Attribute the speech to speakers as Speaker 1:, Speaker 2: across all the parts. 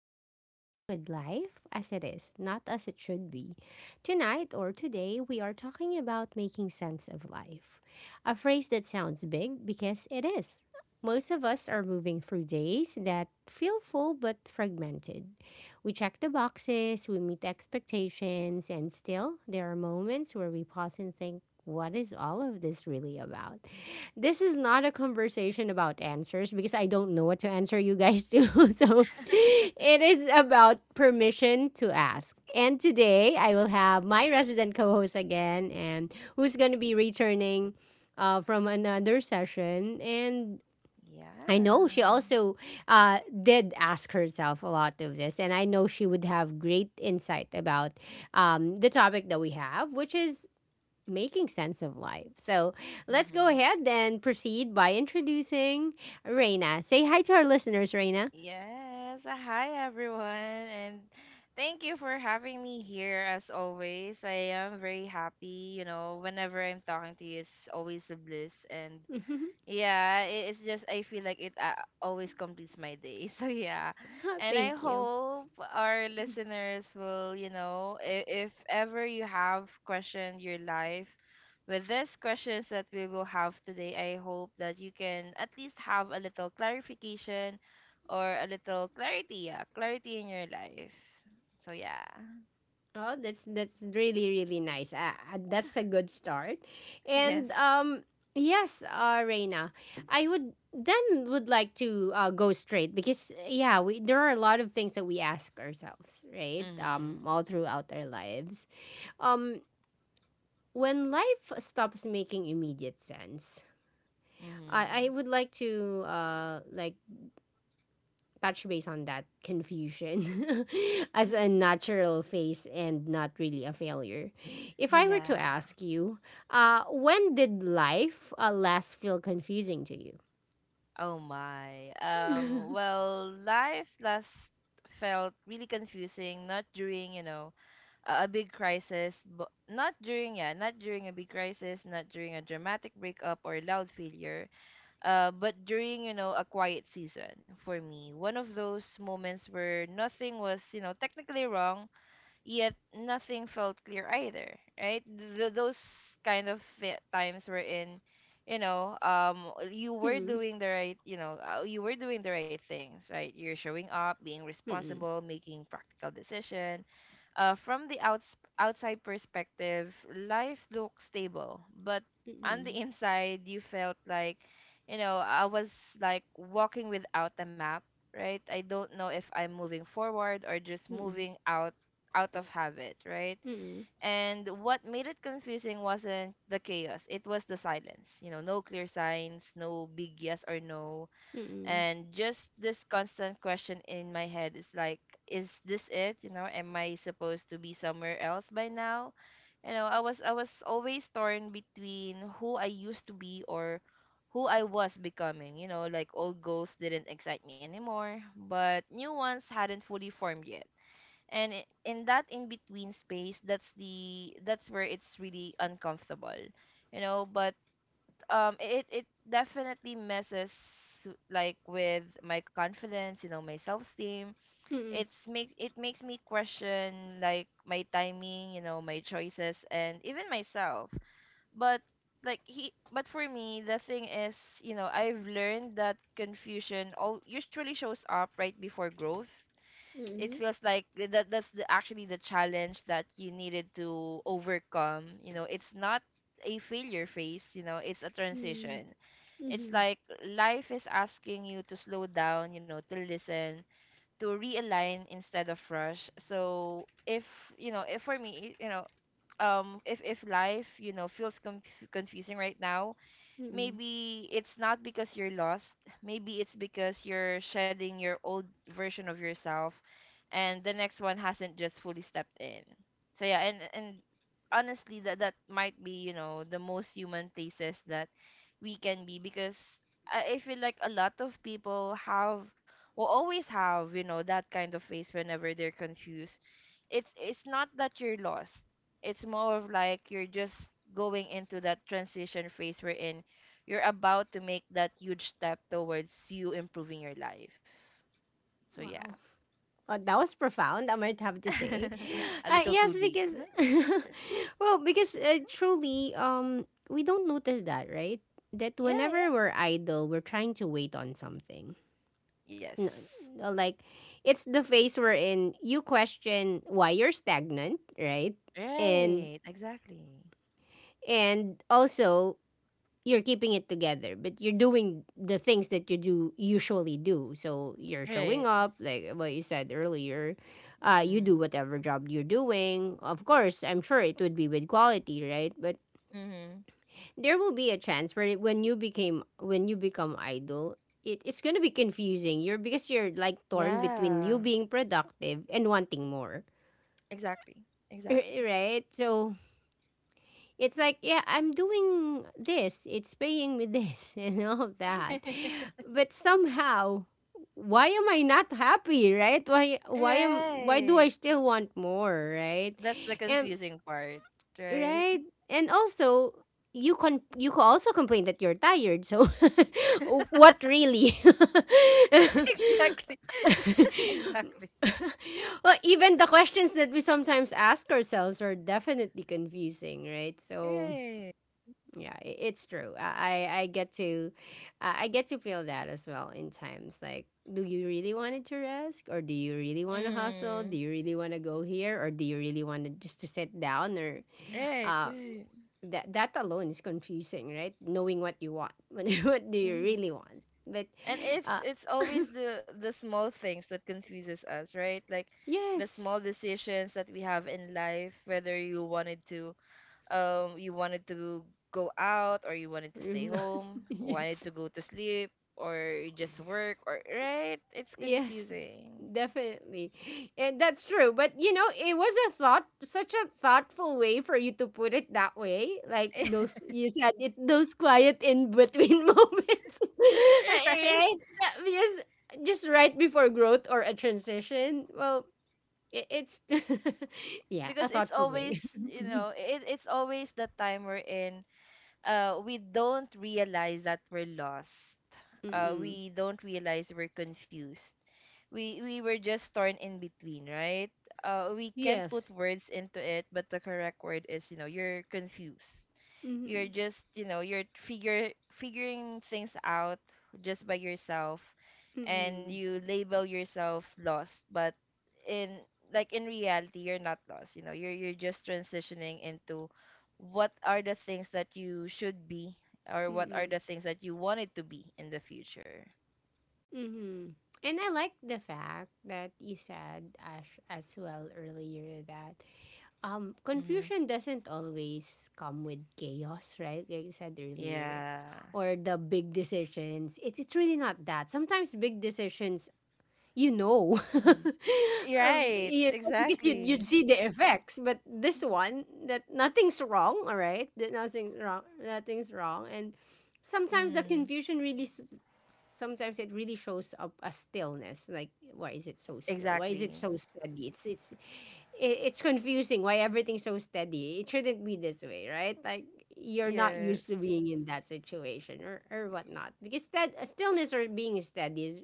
Speaker 1: where we sit with life as it is, not as it should be. Tonight or today, we are talking about making sense of life. A phrase that sounds big because it is. Most of us are moving through days that feel full but fragmented. We check the boxes, we meet expectations, and still, there are moments where we pause and think, what is all of this really about? This is not a conversation about answers because I don't know what to answer you guys to. So it is about permission to ask. And today I will have my resident co host again, and who's going to be returning from another session. And I know
Speaker 2: Yeah.
Speaker 1: she also uh, did ask herself a lot of this, and I know she would have great insight about the topic that we have, which is making sense of life. So let's go
Speaker 2: Mm-hmm.
Speaker 1: ahead and proceed by introducing Reina. Say hi to our listeners, Reina.
Speaker 2: Yes. Hi, everyone. And thank you for having me here as always. I am very happy. You know, whenever I'm talking to you, it's always a bliss. And yeah, it's just I feel like it always completes my day. So yeah. And I
Speaker 1: Thank you.
Speaker 2: hope our listeners will, if ever you have questioned your life with these questions that we will have today, I hope that you can at least have a little clarification or a little clarity, yeah, clarity in your life. So yeah.
Speaker 1: Oh, that's really really nice. That's a good start.
Speaker 2: Yes.
Speaker 1: And yes, Reina, I would then would like to go straight because yeah, we there are a lot of things that we ask ourselves, right?
Speaker 2: Mhm.
Speaker 1: All throughout our lives. Um when life stops making immediate sense, I
Speaker 2: Mhm.
Speaker 1: would like to touch base on that confusion as a natural phase and not really a failure. If I were to
Speaker 2: Yeah.
Speaker 1: ask you, when did life last feel confusing to you?
Speaker 2: Oh my. Well, life last felt really confusing, not during, a big crisis, but not during, yeah, not during a big crisis, not during a dramatic breakup or loud failure, but during, a quiet season for me. One of those moments where nothing was, you know, technically wrong, yet nothing felt clear either, right? Those kind of times were in, you know, you were
Speaker 1: Hmm.
Speaker 2: doing the right things, right? You're showing up, being
Speaker 1: Mm-mm.
Speaker 2: responsible, making practical decision. From the outside perspective, life looked stable, but on the
Speaker 1: Mm-mm.
Speaker 2: inside, you felt like, you know, I was like walking without a map, right? I don't know if I'm moving forward or just
Speaker 1: Mm-mm.
Speaker 2: moving out of habit, right?
Speaker 1: Mm-mm.
Speaker 2: And what made it confusing wasn't the chaos, it was the silence. You know, no clear signs, no big yes or no.
Speaker 1: Mm-mm.
Speaker 2: And just this constant question in my head is like, is this it? You know, am I supposed to be somewhere else by now? You know, I was always torn between who I used to be or who I was becoming. You know, like old goals didn't excite me anymore, but new ones hadn't fully formed yet, and in that in between space, that's where it's really uncomfortable, you know. But it it definitely messes, like, with my confidence, you know, my self-esteem.
Speaker 1: Mm-mm.
Speaker 2: It's makes it makes me question, like, my timing, you know, my choices, and even myself. But like he but for me the thing is, you know, I've learned that confusion all usually shows up right before growth. It
Speaker 1: Mm-mm.
Speaker 2: feels like that's, the, actually, the challenge that you needed to overcome, you know. It's not a failure phase, you know, it's a
Speaker 1: Mm-mm.
Speaker 2: transition. It's
Speaker 1: Mm-hmm.
Speaker 2: like life is asking you to slow down, you know, to listen, to realign instead of rush. So if you know if for me you know if life, you know, feels confusing right now,
Speaker 1: Mm-mm.
Speaker 2: maybe it's not because you're lost. Maybe it's because you're shedding your old version of yourself and the next one hasn't just fully stepped in. So yeah. And honestly, that that might be, you know, the most human places that we can be, because I feel like a lot of people have will always have, you know, that kind of face whenever they're confused. It's not that you're lost. It's more of like you're just going into that transition phase we're in. You're about to make that huge step towards you improving your life. So yeah.
Speaker 1: Wow. Oh, that was profound, I might have to say.
Speaker 2: A little too
Speaker 1: Yes,
Speaker 2: deep.
Speaker 1: because, well, because truly, we don't notice that, right? That
Speaker 2: Yeah, yeah.
Speaker 1: whenever we're idle, we're trying to wait on something.
Speaker 2: Yes.
Speaker 1: N- uh, like, it's the phase we're in. You question why you're stagnant, right? And
Speaker 2: Right. Exactly.
Speaker 1: and also you're keeping it together, but you're doing the things that you do usually do. So you're
Speaker 2: Right.
Speaker 1: showing up, like what you said earlier. You
Speaker 2: Mm-hmm.
Speaker 1: do whatever job you're doing. Of course, I'm sure it would be with quality, right? But
Speaker 2: Mm-hmm.
Speaker 1: there will be a chance where when you become idle, it's gonna be confusing. You're because you're like torn between
Speaker 2: Yeah.
Speaker 1: you being productive and wanting more,
Speaker 2: Exactly. Exactly.
Speaker 1: right? So it's like, yeah, I'm doing this. It's paying me this and all of that. But somehow, why am I not happy, right? Why do I
Speaker 2: Right.
Speaker 1: still want more, right?
Speaker 2: That's the
Speaker 1: And
Speaker 2: confusing part, right?
Speaker 1: right? And also you can also complain that you're tired. So what really?
Speaker 2: Exactly. Exactly.
Speaker 1: well, even the questions that we sometimes ask ourselves are definitely confusing, right? So
Speaker 2: Right.
Speaker 1: yeah I- it's true I get to I get to feel that as well in times like do you really want it to risk or do you really want to hustle do
Speaker 2: Mm.
Speaker 1: you really want to go here or do you really want to just to sit down or
Speaker 2: Right,
Speaker 1: uh
Speaker 2: right.
Speaker 1: that alone is confusing right knowing what you want what do you
Speaker 2: Mm-hmm.
Speaker 1: really want but
Speaker 2: And it's
Speaker 1: uh
Speaker 2: it's always the small things that confuses us, right? Like the
Speaker 1: yes
Speaker 2: small decisions that we have in life, whether you wanted to, you wanted to go out, or you wanted to
Speaker 1: or
Speaker 2: stay
Speaker 1: not
Speaker 2: home, wanted
Speaker 1: yes
Speaker 2: to go to sleep, or just work, or right, it's
Speaker 1: Yes,
Speaker 2: confusing.
Speaker 1: definitely. And that's true. But you know, it was a thought such a thoughtful way for you to put it that way. Like those you said it those quiet in between moments.
Speaker 2: Right.
Speaker 1: right? That- Just just right before growth or a transition. Well, it's yeah, a
Speaker 2: Because it's
Speaker 1: thoughtful
Speaker 2: always,
Speaker 1: way.
Speaker 2: you know, it, it's always the time we're in. We don't realize that we're lost,
Speaker 1: Mm-mm.
Speaker 2: we don't realize we're confused, we were just torn in between, right? We can't put
Speaker 1: Yes.
Speaker 2: words into it, but the correct word is, you know, you're confused. You're
Speaker 1: Mm-hmm.
Speaker 2: just, you know, you're figure figuring things out just by yourself, and
Speaker 1: Mm-mm.
Speaker 2: you label yourself lost, but in, like, in reality, you're not lost. You know, you're just transitioning into what are the things that you should be, or what are
Speaker 1: Mm-mm.
Speaker 2: the things that you wanted to be in the future.
Speaker 1: Mm-hmm. And I like the fact that you said as well earlier that
Speaker 2: Mm-hmm.
Speaker 1: confusion doesn't always come with chaos, right? Like you said earlier,
Speaker 2: Yeah.
Speaker 1: or the big decisions. It's really not that. Sometimes big decisions you know,
Speaker 2: Mm-hmm. Right,
Speaker 1: you know because you'd, you'd
Speaker 2: exactly.
Speaker 1: see the effects. But this one, that nothing's wrong, all right? That nothing's wrong. Nothing's wrong. And sometimes the
Speaker 2: Mm,
Speaker 1: confusion really, sometimes it really shows up as stillness. Like, why is it so still? Why is it
Speaker 2: exactly.
Speaker 1: so steady? It's confusing. Why everything's so steady? It shouldn't be this way, right? Like you're not
Speaker 2: Yes.
Speaker 1: used to being in that situation or whatnot. Because that stillness or being steady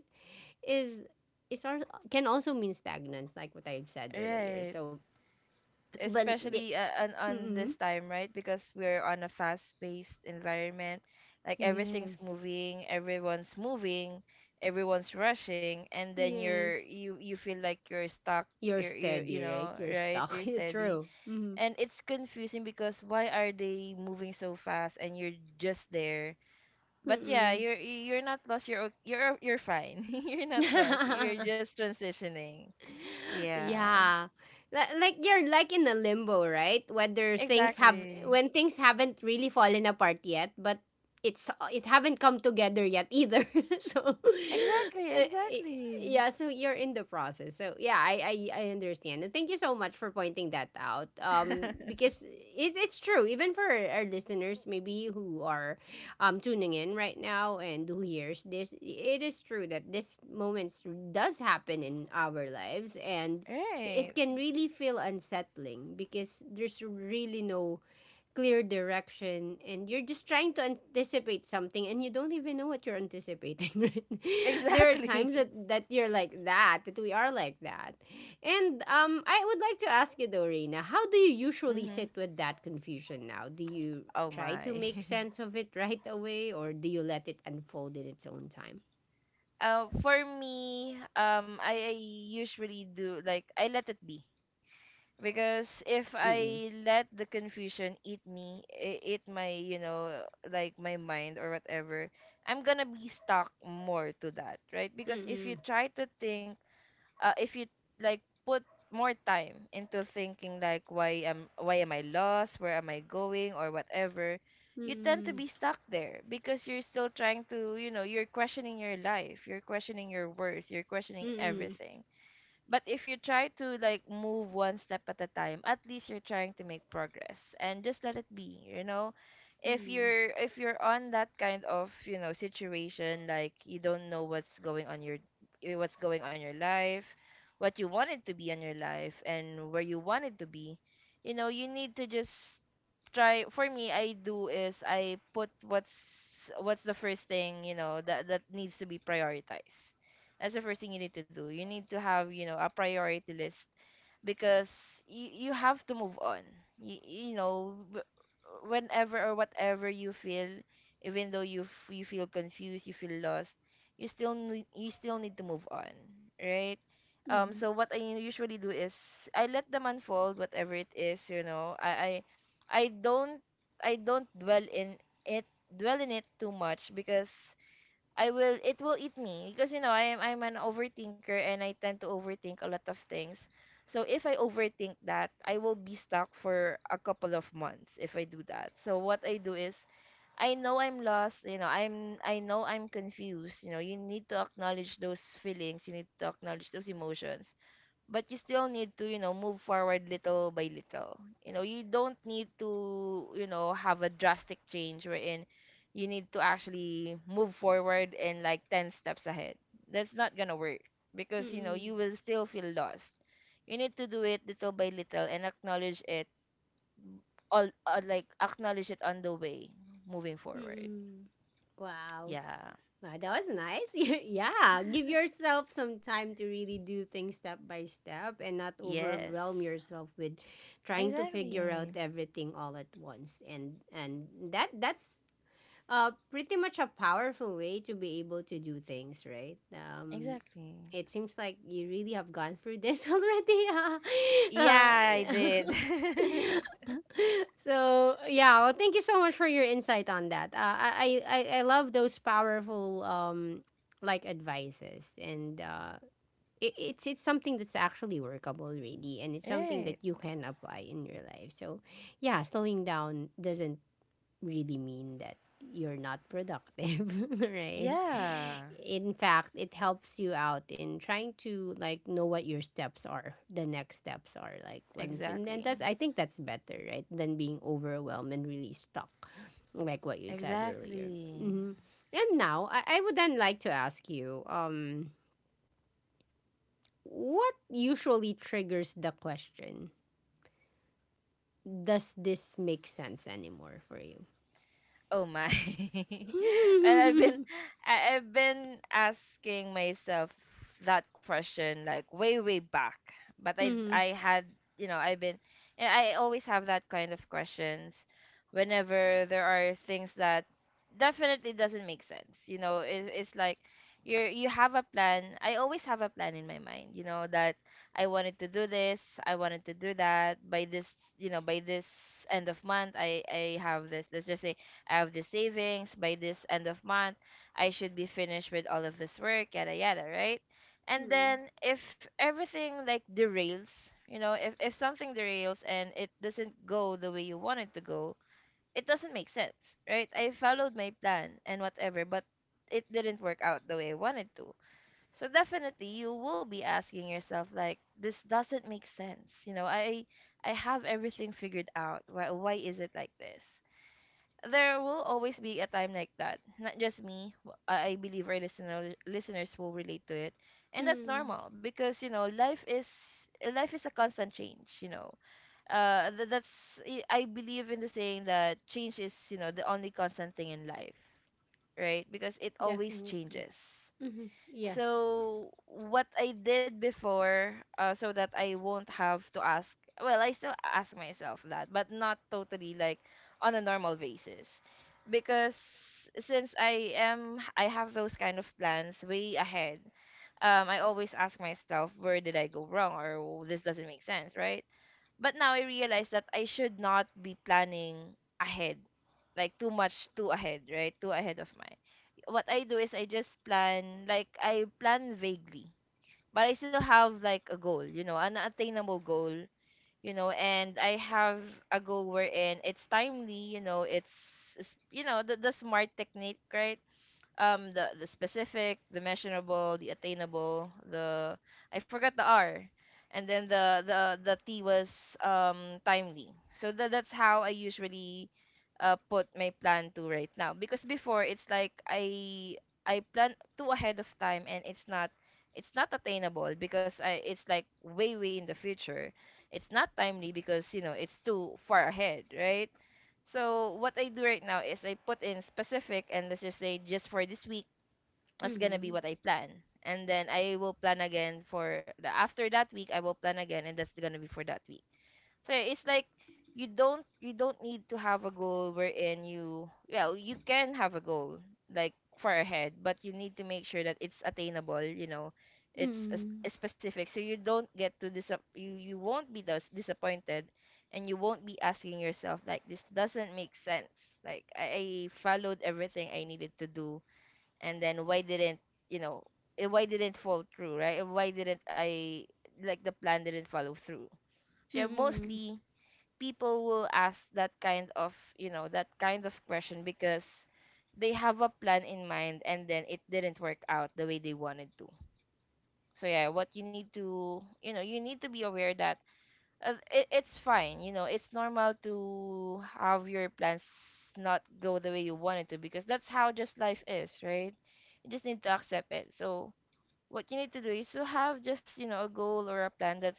Speaker 1: is is our can also mean stagnant, like what I've said earlier.
Speaker 2: Right.
Speaker 1: So, but the,
Speaker 2: Especially, on
Speaker 1: mm
Speaker 2: this time, right? Because we're on a fast-paced environment. Like everything's
Speaker 1: yes,
Speaker 2: moving, everyone's rushing, and then you're,
Speaker 1: yes,
Speaker 2: you feel like you're stuck.
Speaker 1: you're
Speaker 2: You,
Speaker 1: steady,
Speaker 2: you
Speaker 1: right?
Speaker 2: know,
Speaker 1: You're
Speaker 2: right?
Speaker 1: stuck.
Speaker 2: You're steady.
Speaker 1: True. Mm-hmm.
Speaker 2: And it's confusing because why are they moving so fast and you're just there? But yeah, you're not lost. You're, you're fine. You're not lost. You're
Speaker 1: Mm-mm.
Speaker 2: just transitioning. Yeah.
Speaker 1: yeah like you're like in a limbo right whether things have
Speaker 2: Exactly.
Speaker 1: when things haven't really fallen apart yet but it haven't come together yet either so
Speaker 2: Exactly.
Speaker 1: uh,
Speaker 2: Exactly.
Speaker 1: yeah so you're in the process so yeah I understand and thank you so much for pointing that out because it's true even for our listeners maybe who are tuning in right now and who hears this, it is true that this moment does happen in our lives and
Speaker 2: Right.
Speaker 1: it can really feel unsettling because there's really no clear direction and you're just trying to anticipate something and you don't even know what you're anticipating right there are times
Speaker 2: Exactly.
Speaker 1: that you're like that we are like that and I would like to ask you though Reina, how do you usually
Speaker 2: Hmm.
Speaker 1: sit with that confusion now do you
Speaker 2: Oh
Speaker 1: try to
Speaker 2: my.
Speaker 1: make sense of it right away or do you let it unfold in its own time
Speaker 2: For me, I usually do, like, I let it be. Because if
Speaker 1: Mm-mm.
Speaker 2: I let the confusion eat me, eat my, you know, like my mind or whatever, I'm gonna be stuck more to that, right? Because if you
Speaker 1: Mm-mm.
Speaker 2: try to think, if you like put more time into thinking like why am I lost, where am I going, or whatever, you tend to
Speaker 1: Mm-mm.
Speaker 2: be stuck there because you're still trying to, you know, you're questioning your life, you're questioning your worth, you're questioning
Speaker 1: Mm-mm.
Speaker 2: everything. But if you try to, like, move one step at a time, at least you're trying to make progress and just let it be, you know?
Speaker 1: Mm-mm.
Speaker 2: If you're on that kind of, you know, situation, like you don't know what's going on your, eh, what's going on your life, what you wanted to be in your life and where you wanted to be, you know, you need to just try for me I do is I put what's the first thing, you know, that that needs to be prioritized. That's the first thing you need to do. You need to have, you know, a priority list. Because you have to move on. You know, whenever or whatever you feel, even though you, you feel confused, you feel lost, you still need to move on, right?
Speaker 1: Mm-mm.
Speaker 2: So what I usually do is I let them unfold, whatever it is, you know. I don't, I don't dwell in it dwell in it too much, because I will it will eat me. Because, you know, I'm an overthinker and I tend to overthink a lot of things. So if I overthink that, I will be stuck for a couple of months if I do that. So what I do is I know I'm lost, you know, I know I'm confused. You know, you need to acknowledge those feelings, you need to acknowledge those emotions, but you still need to, you know, move forward little by little. You know, you don't need to, you know, have a drastic change wherein you need to actually move forward and, like, 10 steps ahead. That's not gonna work, because, you know, you
Speaker 1: Mm-mm.
Speaker 2: will still feel lost. You need to do it little by little and acknowledge it all, like, acknowledge it on the way, moving forward.
Speaker 1: Mm-mm. Wow.
Speaker 2: Yeah.
Speaker 1: Wow, that was nice. yeah, give yourself some time to really do things step by step and not
Speaker 2: Yes.
Speaker 1: overwhelm yourself with trying to figure out
Speaker 2: Exactly.
Speaker 1: everything all at once. And that's pretty much a powerful way to be able to do things, right?
Speaker 2: Exactly.
Speaker 1: It seems like you really have gone through this already. Uh, uh,
Speaker 2: Yeah, I did.
Speaker 1: so yeah well thank you so much for your insight on that I love those powerful advices and it's something that's actually workable really and it's something
Speaker 2: Right.
Speaker 1: that you can apply in your life so yeah slowing down doesn't really mean that you're not productive, right?
Speaker 2: Yeah.
Speaker 1: In fact, it helps you out in trying to like know what your steps are, like when and then
Speaker 2: Exactly.
Speaker 1: that's I think that's better, right? Than being overwhelmed and really stuck, like what you said earlier.
Speaker 2: Exactly.
Speaker 1: Hmm And now I would then like to ask you, what usually triggers the question? Does this make sense anymore for you?
Speaker 2: Oh my. And I've been, I've been asking myself that question like way way back. But
Speaker 1: mm-hmm.
Speaker 2: I had, you know, I've been and I always have that kind of questions whenever there are things that definitely doesn't make sense. You know, it, it's like you have a plan. I always have a plan in my mind, you know, that I wanted to do this, I wanted to do that by this, you know, by this end of month I have this. Let's just say I have the savings by this end of month. I should be finished with all of this work, yada yada, right? And then if everything like derails, you know, if something derails and it doesn't go the way you want it to go, it doesn't make sense, right? I followed my plan and whatever, but it didn't work out the way I wanted to. So definitely you will be asking yourself like, this doesn't make sense. You know, I have everything figured out. Why is it like this? There will always be a time like that. Not just me. I believe our listeners will relate to it, and that's
Speaker 1: Mm,
Speaker 2: normal, because, you know, life is, life is a constant change. You know, that's, I believe in the saying that change is, you know, the only constant thing in life, right? Because it always
Speaker 1: definitely.
Speaker 2: changes.
Speaker 1: Hmm Yes.
Speaker 2: So what I did before, so that I won't have to ask. Well, I still ask myself that, but not totally like on a normal basis, because since I am, I have those kind of plans way ahead. I always ask myself, where did I go wrong, or this doesn't make sense, right? But now I realize that I should not be planning ahead, like too much, too ahead, right? Too ahead of mine. What I do is I just plan, like I plan vaguely, but I still have like a goal, you know, an attainable goal, you know, and I have a goal wherein it's timely, you know, it's, it's the smart technique, right? The specific, the measurable, the attainable, the — I forgot the R. And then the T was timely. So that's how I usually put my plan to right now, because before it's like I — I plan too ahead of time and it's not — it's not attainable because I — it's like way in the future. It's not timely because you know it's too far ahead, right? So what I do right now is I put in specific and let's just say just for this week, that's gonna be
Speaker 1: Mm,
Speaker 2: what I plan. And then I will plan again for the — after that week I will plan again and that's gonna be for that week. So it's like you don't need to have a goal wherein you — well you can have a goal like far ahead, but you need to make sure that it's attainable. You know, it's a,
Speaker 1: mm,
Speaker 2: a specific, so you don't get to disap you won't be disappointed, and you won't be asking yourself like this doesn't make sense. Like I followed everything I needed to do, and then why didn't — you know why didn't fall through, right? Why didn't I — like the plan didn't follow through? So
Speaker 1: mm.
Speaker 2: mostly people will ask that kind of you know that kind of question because they have a plan in mind and then it didn't work out the way they wanted to. So yeah, what you need to — you know you need to be aware that it, it's fine, you know it's normal to have your plans not go the way you want it to, because that's how just life is, right? You just need to accept it. So what you need to do is to have just, you know, a goal or a plan that's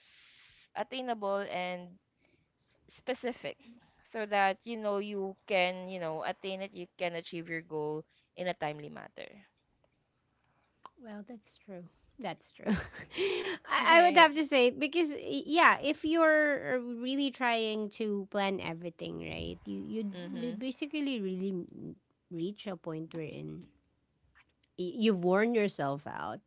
Speaker 2: attainable and specific, so that you know you can you know attain it, you can achieve your goal in a timely matter.
Speaker 1: Well, that's true. That's true. I would
Speaker 2: right.
Speaker 1: have to say because yeah, if you're really trying to plan everything, right?
Speaker 2: Mm-hmm.
Speaker 1: You'd basically really reach a point wherein you've worn yourself out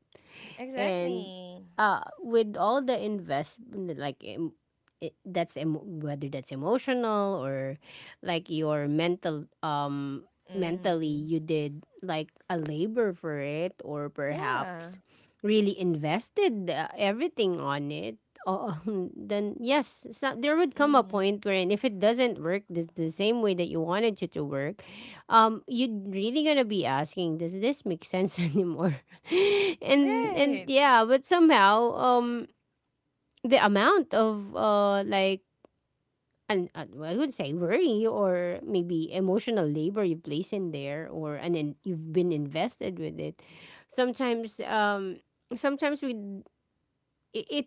Speaker 1: and
Speaker 2: Exactly.
Speaker 1: with all the invest, like that's whether that's emotional or like your mental mentally
Speaker 2: Mm-hmm.
Speaker 1: you did like a labor for it or
Speaker 2: Yeah.
Speaker 1: perhaps really invested everything on it uh, then yes so there would come a
Speaker 2: Mm-hmm.
Speaker 1: point wherein if it doesn't work the same way that you wanted it to work you're really gonna be asking does this make sense anymore and
Speaker 2: Right.
Speaker 1: yeah, but somehow the amount of like an well, I would say worry or maybe emotional labor you place in there or and then you've been invested with it. Sometimes um sometimes we it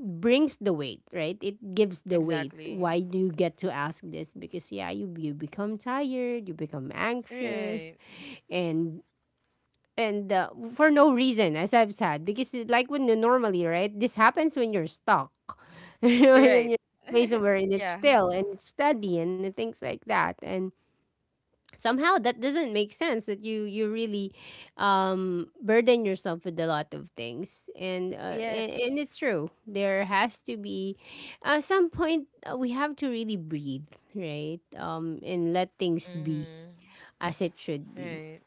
Speaker 1: brings the weight, right? It gives the weight.
Speaker 2: Exactly.
Speaker 1: Why do you get to ask this? Because yeah, you become tired, you become anxious,
Speaker 2: Right.
Speaker 1: and and for no reason as I've said because like when you normally right this happens when you're stuck when you're in
Speaker 2: Right.
Speaker 1: a place where it's
Speaker 2: yeah.
Speaker 1: still and it's steady and the things like that and somehow that doesn't make sense that you really burden yourself with a lot of things and
Speaker 2: Yes.
Speaker 1: and it's true there has to be at some point we have to really breathe right and let things be
Speaker 2: Mm-hmm.
Speaker 1: as it should be
Speaker 2: Right.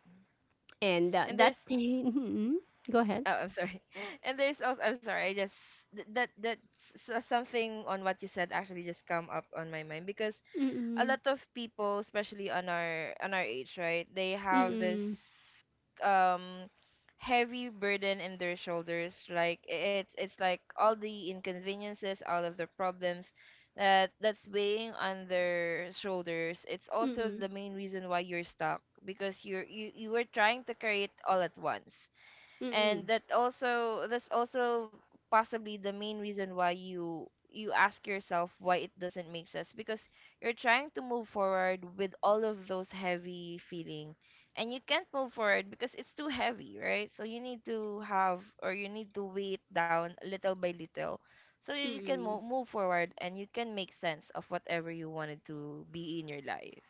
Speaker 1: and
Speaker 2: And there's —
Speaker 1: that Mhm. go ahead
Speaker 2: oh, I'm sorry, and there's also, I'm sorry, I just — that that — something on what you said actually just come up on my mind, because a lot
Speaker 1: Mm.
Speaker 2: of people, especially on our — on our age, right? They have this
Speaker 1: Mm.
Speaker 2: um heavy burden in their shoulders. Like it's like all the inconveniences, all of the problems that — that's weighing on their shoulders. It's also the
Speaker 1: Mm.
Speaker 2: main reason why you're stuck because you're — you were trying to carry it all at once, and
Speaker 1: Mm.
Speaker 2: that also — that's also possibly the main reason why you — you ask yourself why it doesn't make sense, because you're trying to move forward with all of those heavy feeling, and you can't move forward because it's too heavy, right? So you need to have, or you need to weigh it down little by little, so you — you can
Speaker 1: Mm.
Speaker 2: move forward and you can make sense of whatever you wanted to be in your life.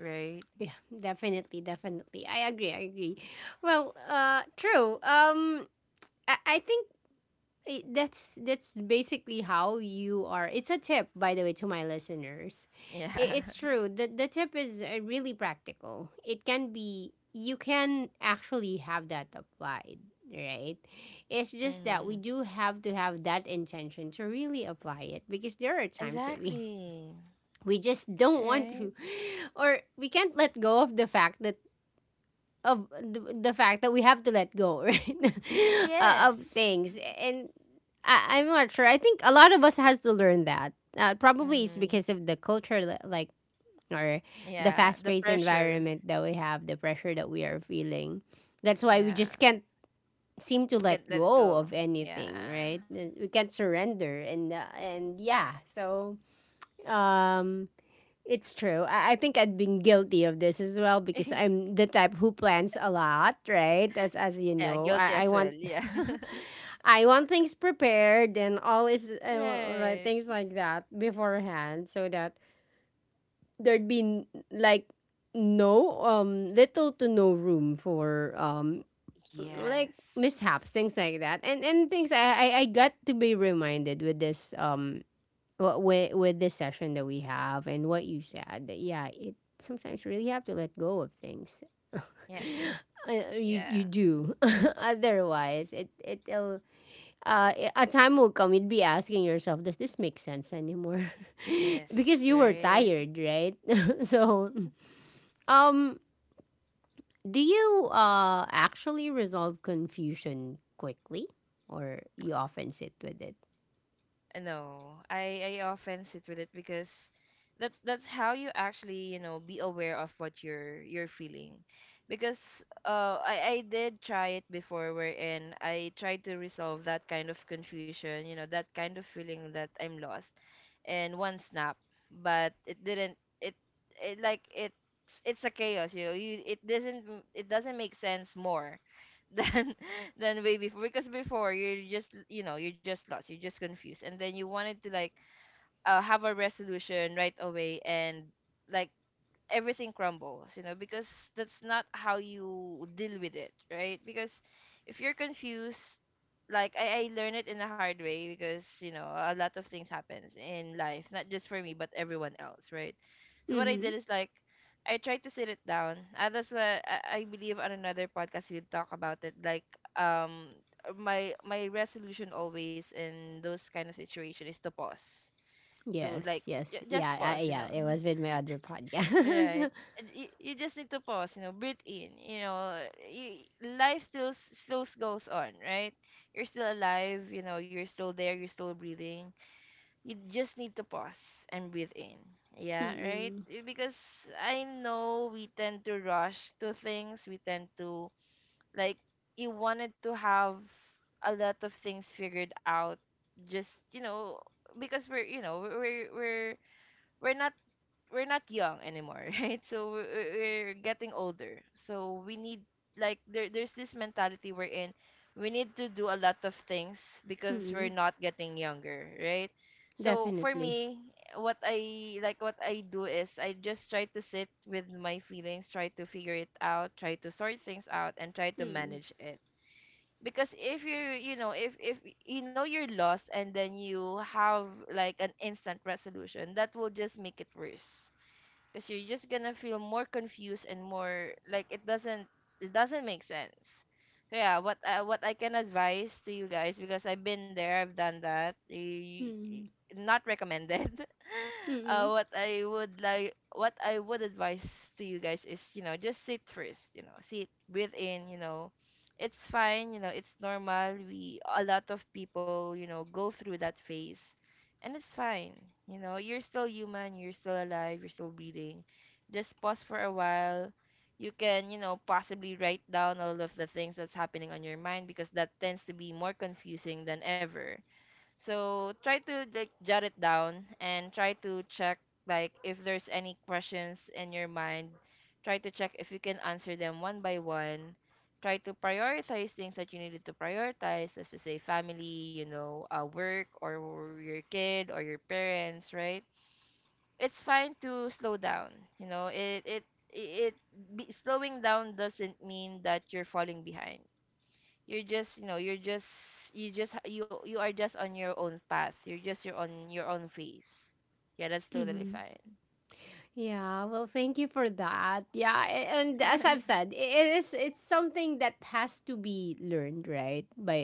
Speaker 2: Right.
Speaker 1: Yeah, definitely, definitely. I agree. I agree. Well, true. I think that's basically how you are. It's a tip, by the way, to my listeners. I
Speaker 2: yeah.
Speaker 1: it's true. The tip is really practical. It can be. You can actually have that applied, right? It's just that we
Speaker 2: mm-hmm.
Speaker 1: do have to have that intention to really apply it because there are times that we
Speaker 2: Exactly.
Speaker 1: we just don't want
Speaker 2: Right.
Speaker 1: to or we can't let go of the fact that we have to let go right,
Speaker 2: Yes.
Speaker 1: of things. And I'm not sure. I think a lot of us has to learn that probably it's
Speaker 2: Mm-hmm.
Speaker 1: because of the culture, like, or the
Speaker 2: Yeah, the
Speaker 1: fast-paced
Speaker 2: pressure.
Speaker 1: environment that we have, the pressure that we are feeling. That's why we
Speaker 2: Yeah.
Speaker 1: just can't seem to let
Speaker 2: Can't let it
Speaker 1: go
Speaker 2: go.
Speaker 1: of
Speaker 2: Yeah.
Speaker 1: anything, right? We can't surrender, and yeah. So um it's true. I think I'd been guilty of this as well because I'm the type who plans a lot, right? As you
Speaker 2: yeah,
Speaker 1: know,
Speaker 2: guilty
Speaker 1: I,
Speaker 2: as
Speaker 1: I
Speaker 2: well.
Speaker 1: want
Speaker 2: Yeah.
Speaker 1: I want things prepared and all, is right,
Speaker 2: right.
Speaker 1: things like that beforehand, so that there'd be like no little to no room for
Speaker 2: Yes.
Speaker 1: like mishaps, things like that. And things, I got to be reminded with this, well, with this session that we have and what you said, that, yeah, it sometimes really have to let go of things.
Speaker 2: Yeah.
Speaker 1: You
Speaker 2: Yeah.
Speaker 1: do. Otherwise, a time will come, you'd be asking yourself, does this make sense anymore?
Speaker 2: Yes.
Speaker 1: Because you were
Speaker 2: Right.
Speaker 1: tired, right? So, um, do you actually resolve confusion quickly, or you often sit with it?
Speaker 2: No, I often sit with it, because that's — that's how you actually you know be aware of what you're — you're feeling, because I — I did try it before wherein I tried to resolve that kind of confusion, you know that kind of feeling that I'm lost, in one snap. But it didn't — it, it — like it's — it's a chaos, you — you — it doesn't — it doesn't make sense more than — than way before, because before you're just you know you're just lost, you're just confused, and then you wanted to like have a resolution right away, and like everything crumbles, you know, because that's not how you deal with it, right? Because if you're confused, like I learned it in a hard way, because you know a lot of things happens in life, not just for me, but everyone else, right? So what I
Speaker 1: Mm-hmm.
Speaker 2: did is like I tried to sit it down. That's what I believe on another podcast we'll talk about it. Like um my my resolution always in those kind of situation is to pause. To
Speaker 1: Yes,
Speaker 2: like
Speaker 1: yes. Yeah,
Speaker 2: just pause, you
Speaker 1: yeah,
Speaker 2: know.
Speaker 1: it was with my other
Speaker 2: Right.
Speaker 1: podcast.
Speaker 2: And you just need to pause, you know, breathe in. You know, you — life still still goes on, right? You're still alive, you know, you're still there, you're still breathing. You just need to pause and breathe in. Yeah, right?
Speaker 1: Mm-mm,
Speaker 2: Because I know we tend to rush to things. We tend to like — you wanted to have a lot of things figured out, just, you know, because we're, you know, we're we're not — we're not young anymore, right? So we're, we're getting older. So we need like — there there's this mentality we're in. We need to do a lot of things because we're
Speaker 1: mm-mm,
Speaker 2: not getting younger, right? So for
Speaker 1: definitely.
Speaker 2: me, what I like — what I do is I just try to sit with my feelings, try to figure it out, try to sort things out and try to
Speaker 1: Mm-mm,
Speaker 2: manage it. Because if you — you know if — if you know you're lost and then you have like an instant resolution, that will just make it worse, because you're just gonna feel more confused and more like it doesn't — it doesn't make sense. So yeah, what I — what I can advise to you guys, because I've been there, I've done that.
Speaker 1: mm-mm,
Speaker 2: Not recommended.
Speaker 1: mm-mm,
Speaker 2: What I would like, what I would advise to you guys is, you know, just sit first. You know, sit, breathe in. You know, it's fine. You know, it's normal. We — a lot of people, you know, go through that phase, and it's fine. You know, you're still human, you're still alive, you're still breathing. Just pause for a while. You can, you know, possibly write down all of the things that's happening on your mind, because that tends to be more confusing than ever. So try to like jot it down and try to check like if there's any questions in your mind. Try to check if you can answer them one by one. Try to prioritize things that you needed to prioritize, as to say family, you know, work, or your kid or your parents, right? It's fine to slow down. You know, it, it slowing down doesn't mean that you're falling behind. You're just — you know you're just — you just you — you are just on your own path, you're just your own — your own phase. Yeah, that's totally
Speaker 1: mm-mm.
Speaker 2: fine.
Speaker 1: Yeah, well, thank you for that. Yeah, and as I've said, it's something that has to be learned, right, by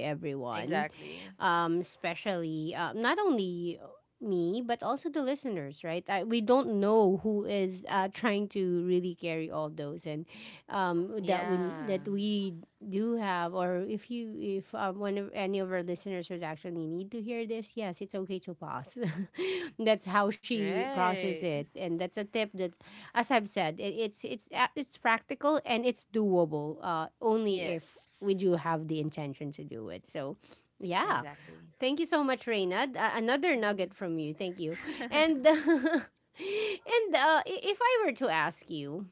Speaker 1: everyone.
Speaker 2: exactly.
Speaker 1: Especially, not only me but also the listeners, right? We don't know who is trying to really carry all those and, that we
Speaker 2: Yeah.
Speaker 1: that we do have. Or if one of any of our listeners, would actually need to hear this. Yes, it's okay to pause. That's how she processes
Speaker 2: Right.
Speaker 1: it, and that's a tip that, as I've said, it's practical and it's doable, only
Speaker 2: Yes.
Speaker 1: if we do have the intention to do it. So yeah.
Speaker 2: Exactly.
Speaker 1: Thank you so much, Reina. Another nugget from you, thank you. And and
Speaker 2: hmm.
Speaker 1: if I were to ask you,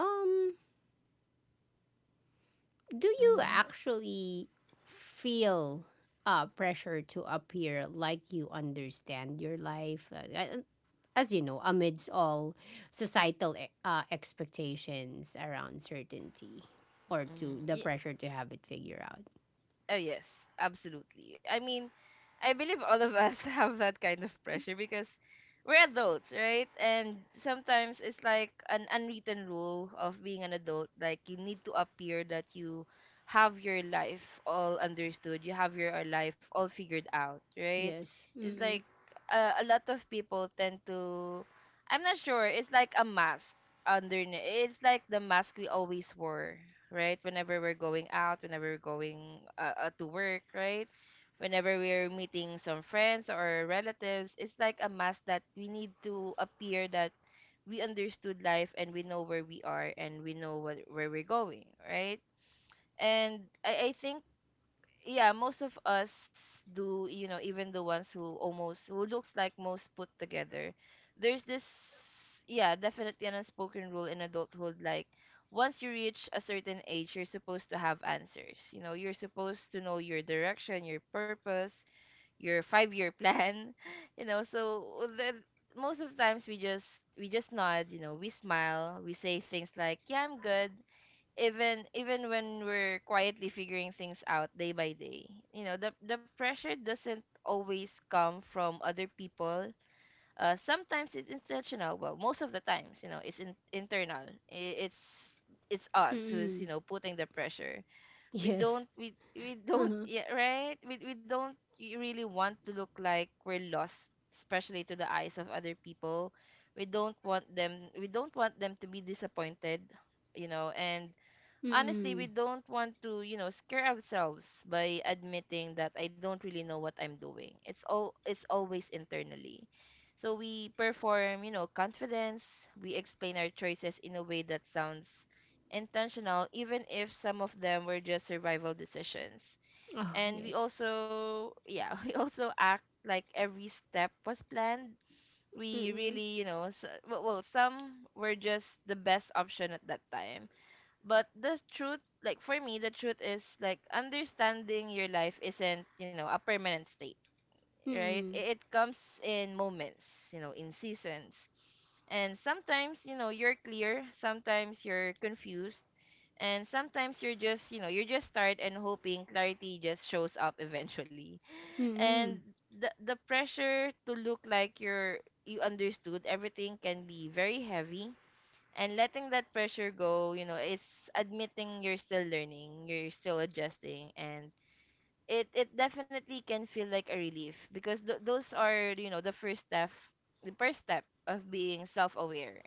Speaker 1: um do you
Speaker 2: Mm-hmm.
Speaker 1: actually feel pressure to appear like you understand your life? As you know, amidst all societal expectations around certainty, or to the
Speaker 2: Mm-hmm.
Speaker 1: pressure to have it figured out.
Speaker 2: Oh yes, absolutely. I mean, I believe all of us have that kind of pressure, because we're adults, right? And sometimes it's like an unwritten rule of being an adult, like you need to appear that you have your life all understood, you have your life all figured out, right?
Speaker 1: Yes.
Speaker 2: It's like
Speaker 1: Mm-mm.
Speaker 2: a lot of people tend to — I'm not sure, it's like a mask underneath. It's like the mask we always wore, right? Whenever we're going out, whenever we're going to work, right? Whenever we're meeting some friends or relatives, it's like a mask that we need to appear that we understood life and we know where we are and we know what, where we're going, right? And I think yeah, most of us do, you know, even the ones who almost who looks like most put together. There's this — yeah, definitely an unspoken rule in adulthood, like once you reach a certain age, you're supposed to have answers. You know, you're supposed to know your direction, your purpose, your 5-year plan, you know. So most of the times we just nod, you know, we smile, we say things like, "Yeah, I'm good," even when we're quietly figuring things out day by day. You know, the pressure doesn't always come from other people. Sometimes it's intentional. Well, most of the times, you know, it's internal. I- it's it's us who's, you
Speaker 1: Mm-mm.
Speaker 2: know, putting the pressure. we don't
Speaker 1: Yes.
Speaker 2: we we don't
Speaker 1: Uh-huh.
Speaker 2: yeah, right, we don't really want to look like we're lost, especially to the eyes of other people. We don't want them to be disappointed, you know. And honestly, we
Speaker 1: Mm-mm.
Speaker 2: don't want to, scare ourselves by admitting that I don't really know what I'm doing. It's always internally. So we perform, confidence. We explain our choices in a way that sounds intentional, even if some of them were just survival decisions.
Speaker 1: Oh,
Speaker 2: And we
Speaker 1: yes.
Speaker 2: also, yeah, we also act like every step was planned. We
Speaker 1: Mm-mm.
Speaker 2: really, you know, well, some were just the best option at that time. But the truth, like for me, the truth is, like, understanding your life isn't, you know, a permanent state. Right,
Speaker 1: Mm-mm.
Speaker 2: it comes in moments, you know, in seasons. And sometimes, you know, you're clear, sometimes you're confused, and sometimes you're just tired and hoping clarity just shows up eventually. And
Speaker 1: Mm-mm.
Speaker 2: the pressure to look like you're, you understood everything can be very heavy. And letting that pressure go, you know, it's admitting you're still learning, you're still adjusting. And it definitely can feel like a relief, because those are, you know, the first step, the first step of being self-aware.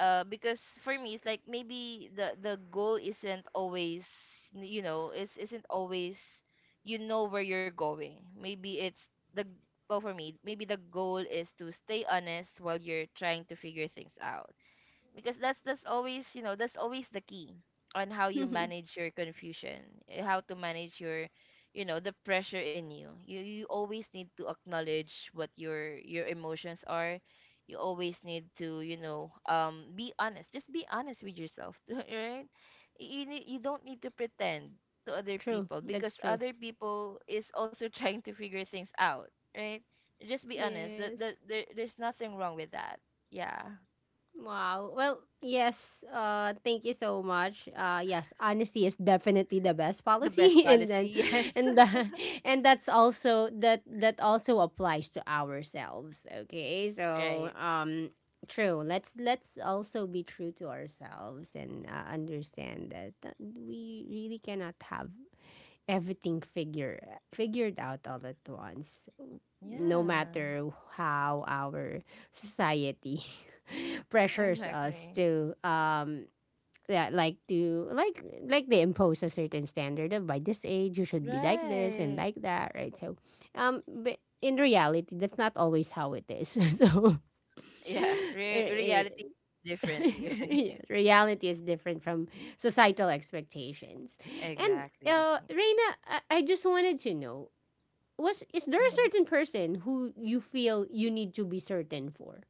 Speaker 2: Because for me, it's like maybe the goal isn't always, you know, is isn't always, you know, where you're going. Maybe it's the, well, for me, maybe the goal is to stay honest while you're trying to figure things out, because that's always, you know, that's always the key on how you manage your confusion. How to manage your, you know, the pressure in You always need to acknowledge what your emotions are. You always need to, you know, be honest, just be honest with yourself, right? You need, you don't need to pretend to other
Speaker 1: True.
Speaker 2: people,
Speaker 1: That's
Speaker 2: because
Speaker 1: true.
Speaker 2: other people is also trying to figure things out. Right, just be honest that
Speaker 1: Yes.
Speaker 2: there's nothing wrong with that. Yeah.
Speaker 1: Wow. Well, yes. Thank you so much. Yes, honesty is definitely the best
Speaker 2: The best
Speaker 1: policy, and then,
Speaker 2: policy, yes.
Speaker 1: and the, and that's also, that also applies to ourselves. Okay, so,
Speaker 2: Right.
Speaker 1: true. Let's also be true to ourselves and understand that we really cannot have everything figured out all at once, no
Speaker 2: Yeah,
Speaker 1: matter how our society pressures us
Speaker 2: exactly.
Speaker 1: to, yeah, like to, like they impose a certain standard of, by this age you should be like this and
Speaker 2: Right.
Speaker 1: like that, right? So, but in reality, that's not always how it is. So
Speaker 2: Yeah,
Speaker 1: er, er,
Speaker 2: reality is different.
Speaker 1: yes, reality is different from societal expectations. And,
Speaker 2: Exactly.
Speaker 1: Reina, I just wanted to know, was is there a
Speaker 2: Mhm.
Speaker 1: certain person who you feel you need to be certain for?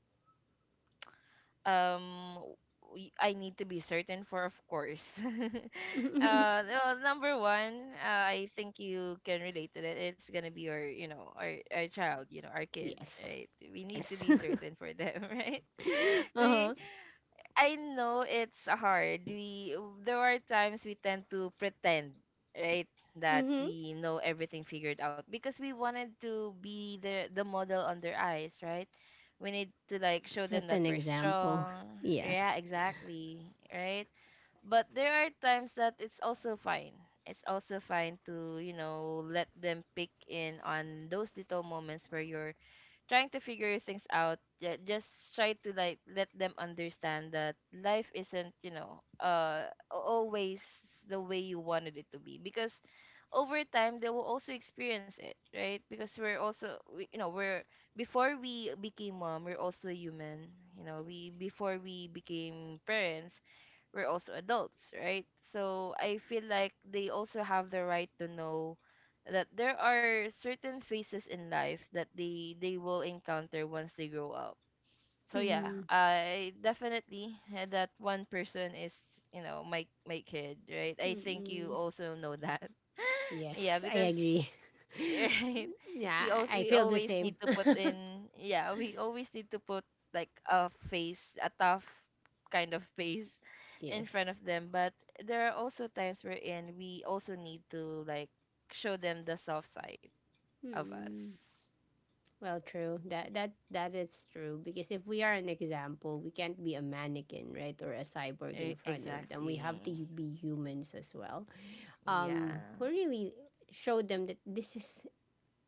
Speaker 2: Um, w- I need to be certain for, of course. Well, number one, I think you can relate to that. It's gonna be our, you know, our child, you know, our kid,
Speaker 1: Yes,
Speaker 2: right? We need to
Speaker 1: yes.
Speaker 2: be certain for them, right?
Speaker 1: uh
Speaker 2: We
Speaker 1: huh.
Speaker 2: I know it's hard. We There are times we tend to pretend, right, that
Speaker 1: Mm-hmm.
Speaker 2: we know everything figured out, because we wanted to be the model on their eyes, right? We need to, like, show them
Speaker 1: Set
Speaker 2: that
Speaker 1: an
Speaker 2: we're
Speaker 1: example.
Speaker 2: strong. Yeah,
Speaker 1: Yes.
Speaker 2: exactly, right? But there are times that it's also fine. It's also fine to, you know, let them pick in on those little moments where you're trying to figure things out, yeah. Just try to, like, let them understand that life isn't, you know, always the way you wanted it to be, because over time they will also experience it, right? Because we're also, we, you know, we're, before we became mom, we're also human. You know, we, before we became parents, we're also adults, right? So I feel like they also have the right to know that there are certain phases in life that they will encounter once they grow up. So yeah,
Speaker 1: Mm-hmm.
Speaker 2: I definitely had that one person is, you know, my kid, right? I think you
Speaker 1: Mm-mm.
Speaker 2: also know that. Yeah,
Speaker 1: Yes, I
Speaker 2: because
Speaker 1: agree.
Speaker 2: right, we
Speaker 1: Yeah,
Speaker 2: all,
Speaker 1: I
Speaker 2: we
Speaker 1: feel the
Speaker 2: always need
Speaker 1: same.
Speaker 2: to put in, yeah, we always need to put, like, a face, a tough kind of face in
Speaker 1: Yes.
Speaker 2: front of them. But there are also times wherein we also need to, like, show them the soft side of us.
Speaker 1: Well, true. That is true, because if we are an example, we can't be a mannequin, right, or a cyborg in front of them. We have to
Speaker 2: Exactly.
Speaker 1: be humans as well.
Speaker 2: Yeah.
Speaker 1: Who really showed them that this is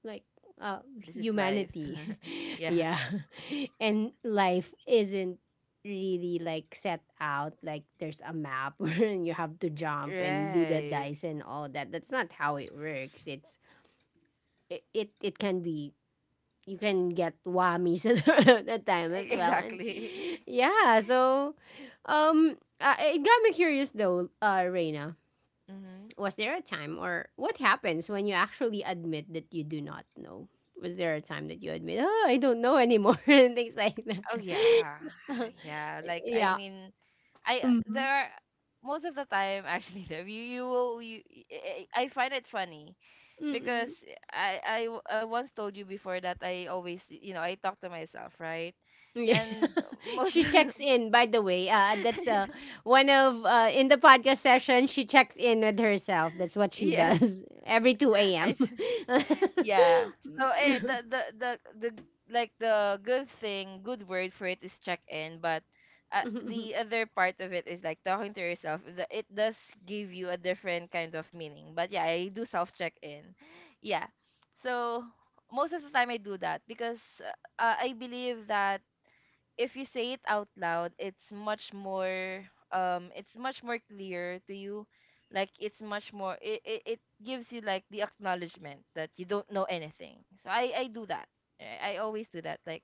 Speaker 1: like uh
Speaker 2: This is life.
Speaker 1: humanity.
Speaker 2: Yeah.
Speaker 1: Yeah, and life isn't really like set out like there's a map and you have to jump and do the
Speaker 2: Right.
Speaker 1: dice and all that. That's not how it works. It's, it can be, you can get whammies at that time as well. And
Speaker 2: Exactly.
Speaker 1: yeah. So, it got me curious though, Reina.
Speaker 2: Mm-hmm.
Speaker 1: Was there a time, or what happens when you actually admit that you do not know? Was there a time that you admit, oh, I don't know anymore, and things like that?
Speaker 2: Oh yeah. Yeah. Like, I
Speaker 1: Yeah.
Speaker 2: mean, I
Speaker 1: Mm-hmm.
Speaker 2: there are, most of the time actually, Dev, you will you, I find it funny, because I once told you before that I always, you know, I talk to myself, right?
Speaker 1: Yeah.
Speaker 2: And most,
Speaker 1: She checks in, by the way. That's, in the podcast session, she checks in with herself. That's what she
Speaker 2: yes,
Speaker 1: does every 2
Speaker 2: I
Speaker 1: a.m.
Speaker 2: ch- yeah. So the the, like, the good thing, good word for it is check in. But the other part of it is, like, talking to yourself. The, it does give you a different kind of meaning. But yeah, I do self check in. Yeah. So most of the time I do that, because I believe that if you say it out loud, it's much more clear to you. Like, it's much more, it gives you, like, the acknowledgement that you don't know anything. So I do that. I always do that. Like,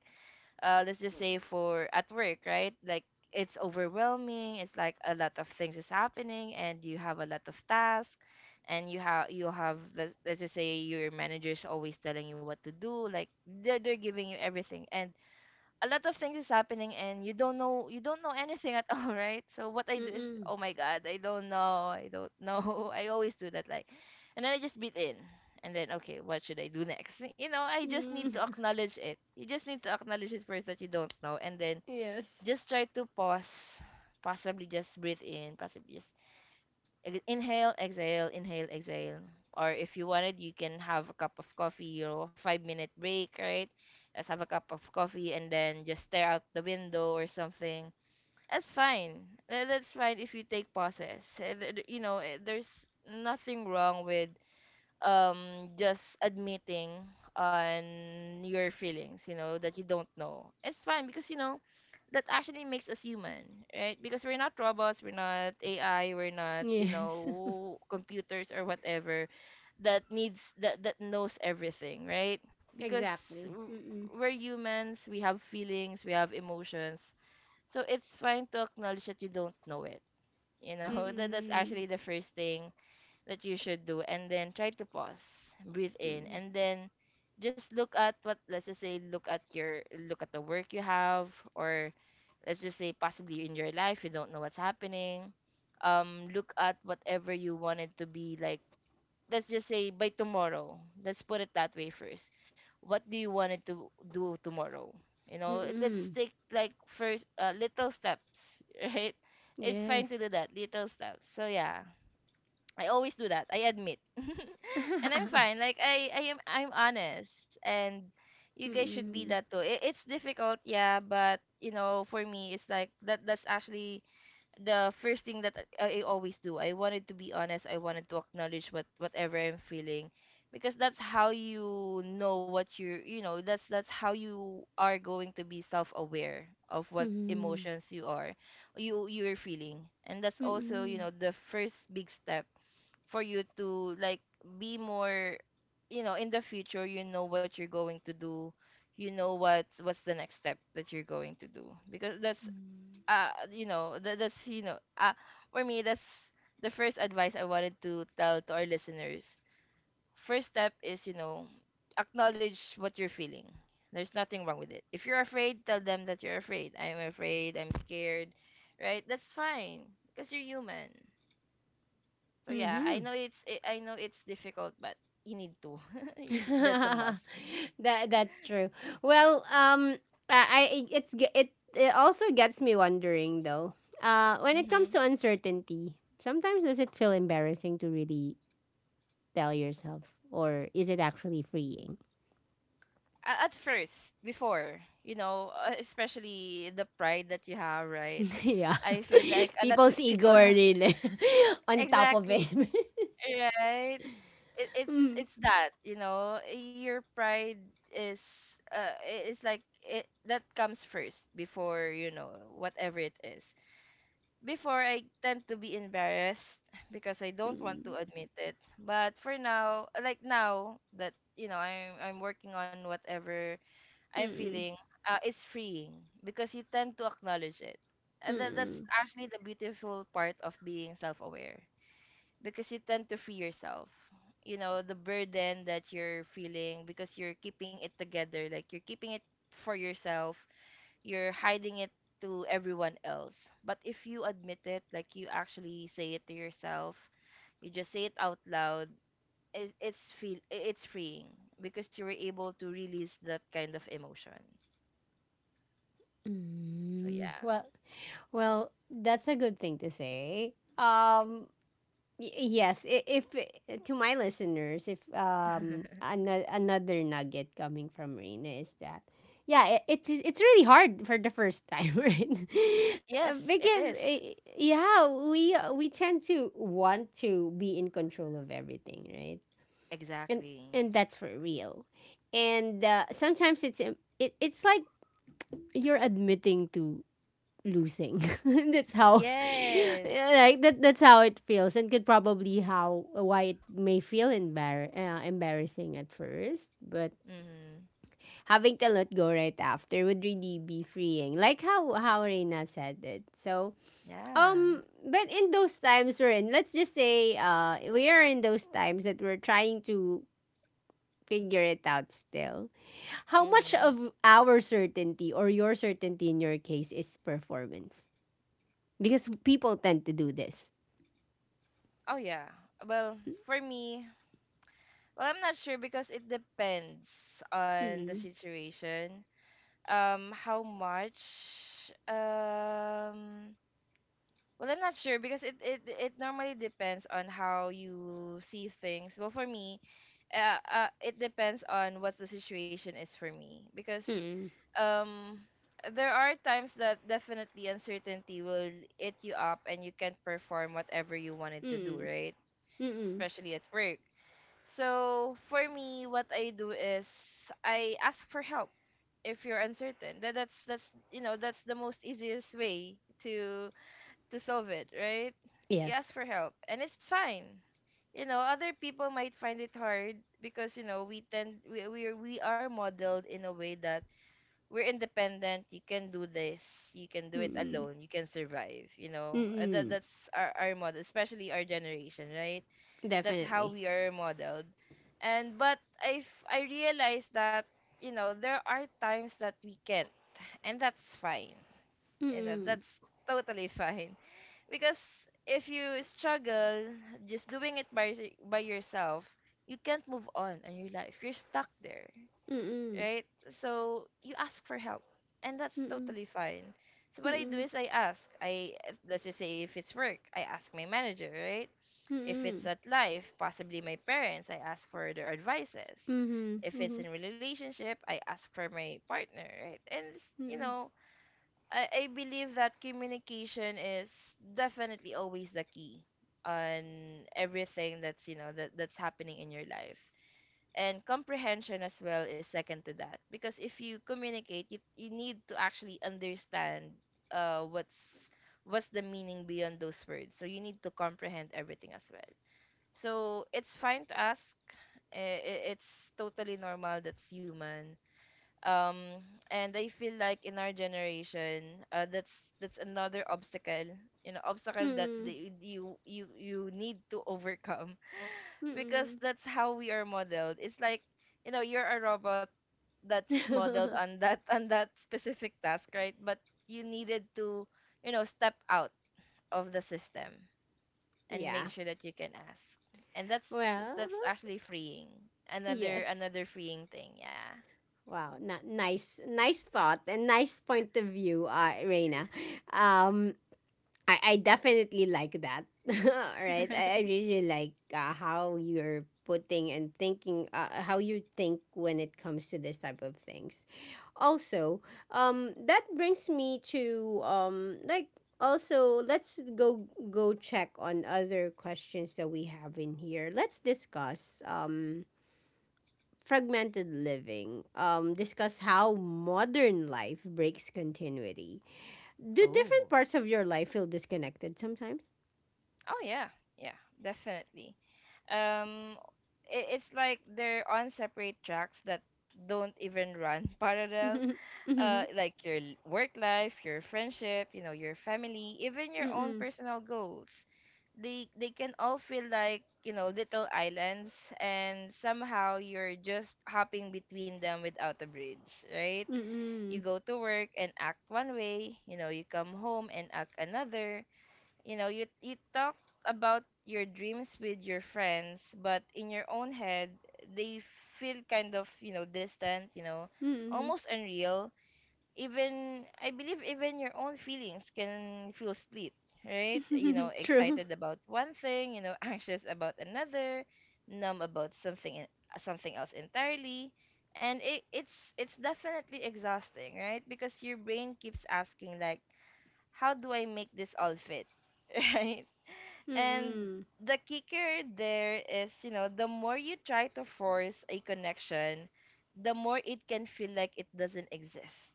Speaker 2: let's just say for at work, right? Like, it's overwhelming. It's like, a lot of things is happening and you have a lot of tasks, and you have let's, just say your manager is always telling you what to do, like they're giving you everything, and a lot of things is happening, and you don't know anything at all, right? So what I do is,
Speaker 1: Mm-mm.
Speaker 2: oh my god, I don't know, I don't know, I always do that. Like, and then I just breathe in, and then, okay, what should I do next? You know, I just need to
Speaker 1: Mm.
Speaker 2: acknowledge it. You just need to acknowledge it first, that you don't know, and then
Speaker 1: Yes.
Speaker 2: just try to pause, possibly just breathe in, possibly just, inhale, exhale, inhale, exhale. Or if you wanted, you can have a cup of coffee or a 5-minute break, right? Let's have a cup of coffee and then just stare out the window or something. That's fine. That's fine if you take pauses. You know, there's nothing wrong with just admitting on your feelings, you know, that you don't know. It's fine, because, you know, that actually makes us human, right? Because we're not robots, we're not AI, we're not, you
Speaker 1: Yes.
Speaker 2: know, computers or whatever that needs, that knows everything, right? Because
Speaker 1: Exactly.
Speaker 2: w-
Speaker 1: Mm-mm.
Speaker 2: we're humans, we have feelings, we have emotions. So it's fine to acknowledge that you don't know it, you know, that's
Speaker 1: Mm-mm.
Speaker 2: actually the first thing that you should do, and then try to pause, breathe in,
Speaker 1: Mm-mm.
Speaker 2: and then just look at what, let's just say look at your, look at the work you have, or let's just say possibly in your life you don't know what's happening. Look at whatever you wanted to be, like, let's just say by tomorrow. Let's put it that way first. What do you want it to do tomorrow? You know, let's
Speaker 1: Mm-mm.
Speaker 2: take, like, first little steps, right? It's fine to
Speaker 1: Yes.
Speaker 2: do that little steps, so yeah. I always do that. I admit. And I'm fine. Like, I am, I'm honest, and you guys should be
Speaker 1: Mm-mm.
Speaker 2: that too. It's difficult, yeah, but you know, for me it's like that's actually the first thing that I always do. I wanted to be honest. I wanted to acknowledge what, whatever I'm feeling, because that's how you know what you're, you know, that's how you are going to be self-aware of what
Speaker 1: Mm-mm.
Speaker 2: emotions you are, you're feeling. And that's also, you
Speaker 1: Mm-mm.
Speaker 2: know, the first big step for you to, like, be more, you know, in the future you know what you're going to do, you know what's, the next step that you're going to do, because that's, you know, that, that's you know, for me, that's the first advice I wanted to tell to our listeners. First step is, you know, acknowledge what you're feeling. There's nothing wrong with it. If you're afraid, tell them that you're afraid. I'm afraid. I'm scared. Right, that's fine, because you're human. So yeah, I
Speaker 1: Mm-mm.
Speaker 2: know it's, I know it's difficult, but you need to. You need, that's a must.
Speaker 1: That's true. Well, I it's g- it also gets me wondering though. When it comes
Speaker 2: Mm-hmm.
Speaker 1: to uncertainty, sometimes does it feel embarrassing to really tell yourself, or is it actually freeing?
Speaker 2: At first, before, you know, especially the pride that you have, right?
Speaker 1: Yeah,
Speaker 2: I feel like a lot
Speaker 1: people's
Speaker 2: of
Speaker 1: ego
Speaker 2: people
Speaker 1: are
Speaker 2: have,
Speaker 1: really on top of
Speaker 2: exactly,
Speaker 1: it.
Speaker 2: right? It's
Speaker 1: Mm,
Speaker 2: that, you know, your pride is, it's like it, that comes first before, you know, whatever it is. Before, I tend to be embarrassed, because I don't want to
Speaker 1: mm,
Speaker 2: admit it. But for now, like now that, you know, I'm working on whatever I'm
Speaker 1: mm,
Speaker 2: feeling, it's freeing because you tend to acknowledge it, and that's
Speaker 1: mm,
Speaker 2: actually the beautiful part of being self-aware, because you tend to free yourself. You know, the burden that you're feeling, because you're keeping it together, like you're keeping it for yourself, you're hiding it to everyone else. But if you admit it, like you actually say it to yourself, you just say it out loud, it, it's feel I- it's freeing because you were able to release that kind of emotion. So
Speaker 1: mm.
Speaker 2: yeah.
Speaker 1: Well, that's a good thing to say. Y- Yes, if to my listeners, if another nugget coming from Reina is that, yeah, it's really hard for the first time, right?
Speaker 2: Yes, it
Speaker 1: Because,
Speaker 2: is.
Speaker 1: yeah, we tend to want to be in control of everything, right? And
Speaker 2: Exactly.
Speaker 1: and that's for real. And, sometimes it's like you're admitting to losing. That's how,
Speaker 2: Yes.
Speaker 1: like that. That's how it feels, and could probably how why it may feel embarrassing at first, but
Speaker 2: Mm-hmm.
Speaker 1: having to let go right after would really be freeing. Like how Reina said it. So,
Speaker 2: Yeah.
Speaker 1: but in those times we're in, let's just say, we are in those times that we're trying to figure it out still. How much
Speaker 2: Mm-hmm.
Speaker 1: of our certainty, or your certainty in your case, is performance? Because people tend to do this.
Speaker 2: Oh yeah. Well, for me, well, I'm not sure because it depends on the
Speaker 1: Mm-mm.
Speaker 2: situation. How much um well I'm not sure because it normally depends on how you see things. Well, for me, it depends on what the situation is for me, because
Speaker 1: Mm-mm.
Speaker 2: um there are times that definitely uncertainty will eat you up and you can't perform whatever you wanted to do,
Speaker 1: Mm-mm.
Speaker 2: right?
Speaker 1: Mm-mm.
Speaker 2: Especially at work. So for me what I do is I ask for help. If you're uncertain, that's you know that's the most easiest way to to solve it, right? You ask
Speaker 1: Yes.
Speaker 2: for help and it's fine. You know, other people might find it hard because, you know, we tend we are modeled in a way that we're independent, you can do this, you can do it
Speaker 1: Mm-mm.
Speaker 2: alone, you can survive, you know. That
Speaker 1: Mm-mm.
Speaker 2: that's our model, especially our generation, right? That's how
Speaker 1: Definitely.
Speaker 2: we are modeled. And but I realized that, you know, there are times that we can't, and that's fine. You know,
Speaker 1: Mm-mm.
Speaker 2: that's totally fine, because if you struggle just doing it by yourself, you can't move on in your life, you're stuck there,
Speaker 1: Mm-mm.
Speaker 2: right? So you ask for help, and that's
Speaker 1: Mm-mm.
Speaker 2: totally fine. So what I do
Speaker 1: Mm-mm.
Speaker 2: is I ask. I, let's just say if it's work, I ask my manager, right? If it's
Speaker 1: Mm-mm.
Speaker 2: at life, possibly my parents, I ask for their advices.
Speaker 1: Mhm.
Speaker 2: If it's
Speaker 1: Mhm.
Speaker 2: in relationship, I ask for my partner, right? You
Speaker 1: Mm-mm.
Speaker 2: know, I believe that communication is definitely always the key on everything that's you know that that's happening in your life. And comprehension as well is second to that, because if you communicate, you need to actually understand uh what's what's the meaning beyond those words, so you need to comprehend everything as well. So it's fine to ask. It's totally normal, that's human. um and I feel like in our generation, that's another obstacle, you know, obstacle that
Speaker 1: Mm-mm.
Speaker 2: the, you need to overcome, because
Speaker 1: Mm-mm.
Speaker 2: that's how we are modeled. It's like, you know, you're a robot that's modeled on that on that specific task, right? But you needed to, you know, step out of the system and make
Speaker 1: Yeah.
Speaker 2: sure that you can ask. And
Speaker 1: Well,
Speaker 2: that's actually freeing. Another
Speaker 1: yes.
Speaker 2: another freeing thing, yeah.
Speaker 1: Wow. Not nice. Nice thought and nice point of view, Reina. Um, I definitely like that. Right? I, I really like, how you're putting and thinking, how you think when it comes to this type of things. Also, that brings me to, like, also, let's go check on other questions that we have in here. Let's discuss, fragmented living. Discuss how modern life breaks continuity. Do different
Speaker 2: Oh.
Speaker 1: parts of your life feel disconnected sometimes?
Speaker 2: Oh yeah, yeah, definitely. Um, it's like they're on separate tracks that don't even run parallel.
Speaker 1: Mhm. Mhm.
Speaker 2: Work life, your friendship, you know, your family, even your own
Speaker 1: Mm-mm.
Speaker 2: personal goals. They can all feel like, you know, little islands, and somehow you're just hopping between them without a bridge, right? You
Speaker 1: Mm-mm.
Speaker 2: go to work and act one way, you know, you come home and act another. You know, you talk about your dreams with your friends, but in your own head, they feel kind of, you know, distant, you know,
Speaker 1: Mm-mm.
Speaker 2: almost unreal. Even I believe even your own feelings can feel split, right? You know,
Speaker 1: True.
Speaker 2: excited about one thing, you know, anxious about another, numb about something else entirely. And it's definitely exhausting, right? Because your brain keeps asking like, how do I make this all fit? Right? And
Speaker 1: Mm-mm.
Speaker 2: the kicker there is, you know, the more you try to force a connection, the more it can feel like it doesn't exist,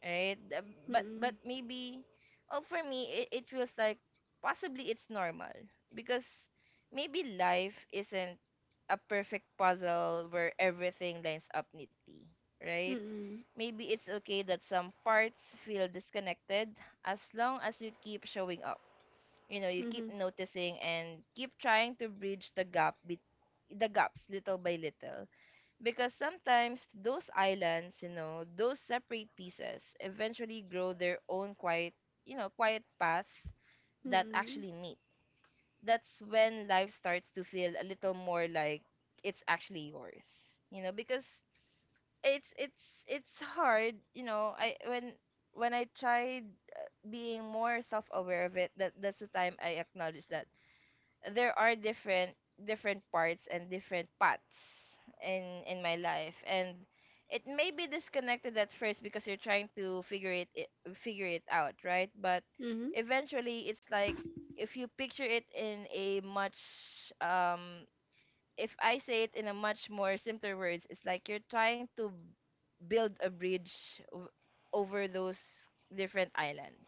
Speaker 2: right? The-
Speaker 1: Mm-mm.
Speaker 2: but maybe, oh, for me, it feels like possibly it's normal, because maybe life isn't a perfect puzzle where everything lines up neatly, right?
Speaker 1: Mm-mm.
Speaker 2: Maybe it's okay that some parts feel disconnected, as long as you keep showing up, you know, you keep
Speaker 1: Mhm.
Speaker 2: noticing and keep trying to bridge the gaps little by little, because sometimes those islands, you know, those separate pieces eventually grow their own quiet, you know, quiet path that
Speaker 1: Mm-mm.
Speaker 2: actually meet. That's when life starts to feel a little more like it's actually yours, you know, because it's hard, you know, I when I tried being more self-aware of it, that that's the time I acknowledged that there are different different parts and different paths in my life. And it may be disconnected at first, because you're trying to figure it out, right? But
Speaker 1: Mhm.
Speaker 2: eventually it's like, if you picture it in a much if I say it in a much more simpler words, it's like you're trying to build a bridge w- over those different islands,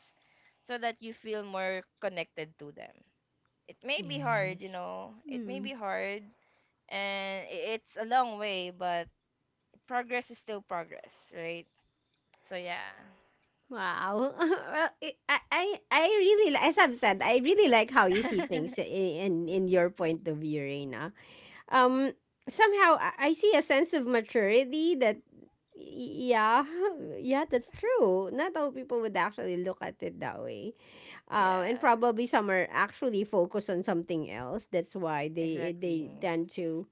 Speaker 2: so that you feel more connected to them. It may be hard, you
Speaker 1: Yes.
Speaker 2: know, it may
Speaker 1: Mm.
Speaker 2: be hard, and it's a long way, but progress is still progress, right? So yeah.
Speaker 1: Wow. Well, it, I really li- as I've said, I really like how you see things in in, in your point of view, Reina. Um, Somehow I see a sense of maturity that, yeah, yeah, that's true. Not all people would actually look at it that way. And
Speaker 2: Yeah,
Speaker 1: probably some are actually focused on something else. That's why they
Speaker 2: exactly.
Speaker 1: tend to,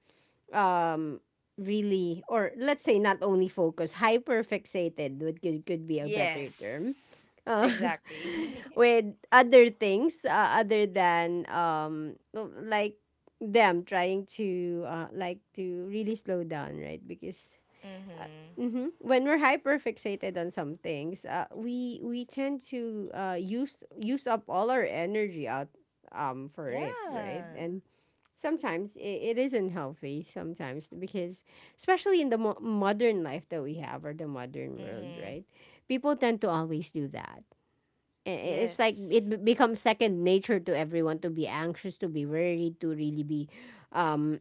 Speaker 1: um really, or let's say, not only focus, hyper fixated could be a better
Speaker 2: Yes.
Speaker 1: term, uh,
Speaker 2: Exactly.
Speaker 1: with other things, other than, like, them trying to, like, to really slow down, right? Because
Speaker 2: mhm.
Speaker 1: Mm-hmm. When we're hyperfixated on some things, we tend to, use up all our energy out, for it, right?
Speaker 2: Yeah.
Speaker 1: And sometimes it isn't healthy. Sometimes, because especially in the modern life that we have, or the modern world,
Speaker 2: Mhm.
Speaker 1: right? People tend to always do that. It's
Speaker 2: Yes.
Speaker 1: like, it becomes second nature to everyone to be anxious, to be worried, to really be, um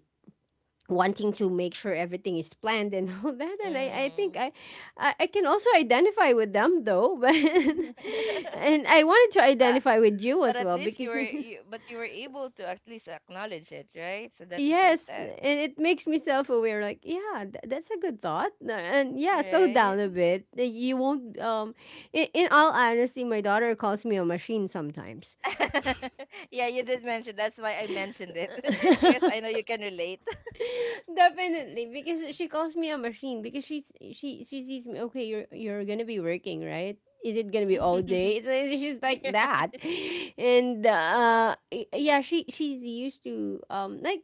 Speaker 1: wanting to make sure everything is planned and all that. And I think
Speaker 2: Mhm.
Speaker 1: I can also identify with them though but, and I wanted to
Speaker 2: but,
Speaker 1: identify with you
Speaker 2: but
Speaker 1: as
Speaker 2: at
Speaker 1: well
Speaker 2: least you
Speaker 1: because
Speaker 2: were you, but you were able to at least acknowledge it, right? So that's the first
Speaker 1: yes,
Speaker 2: step.
Speaker 1: and it makes me self-aware. Like, yeah, that's a good thought. And yeah, slow
Speaker 2: Right?
Speaker 1: down a bit. You won't, in, all honesty, my daughter calls me a machine sometimes.
Speaker 2: Yeah, you did mention. That's why I mentioned it because I know you can relate.
Speaker 1: Definitely, because she calls me a machine because she sees me. Okay, you're gonna be working, right? Is it gonna be all day? She's like
Speaker 2: Yeah.
Speaker 1: that, and, yeah, she's used to,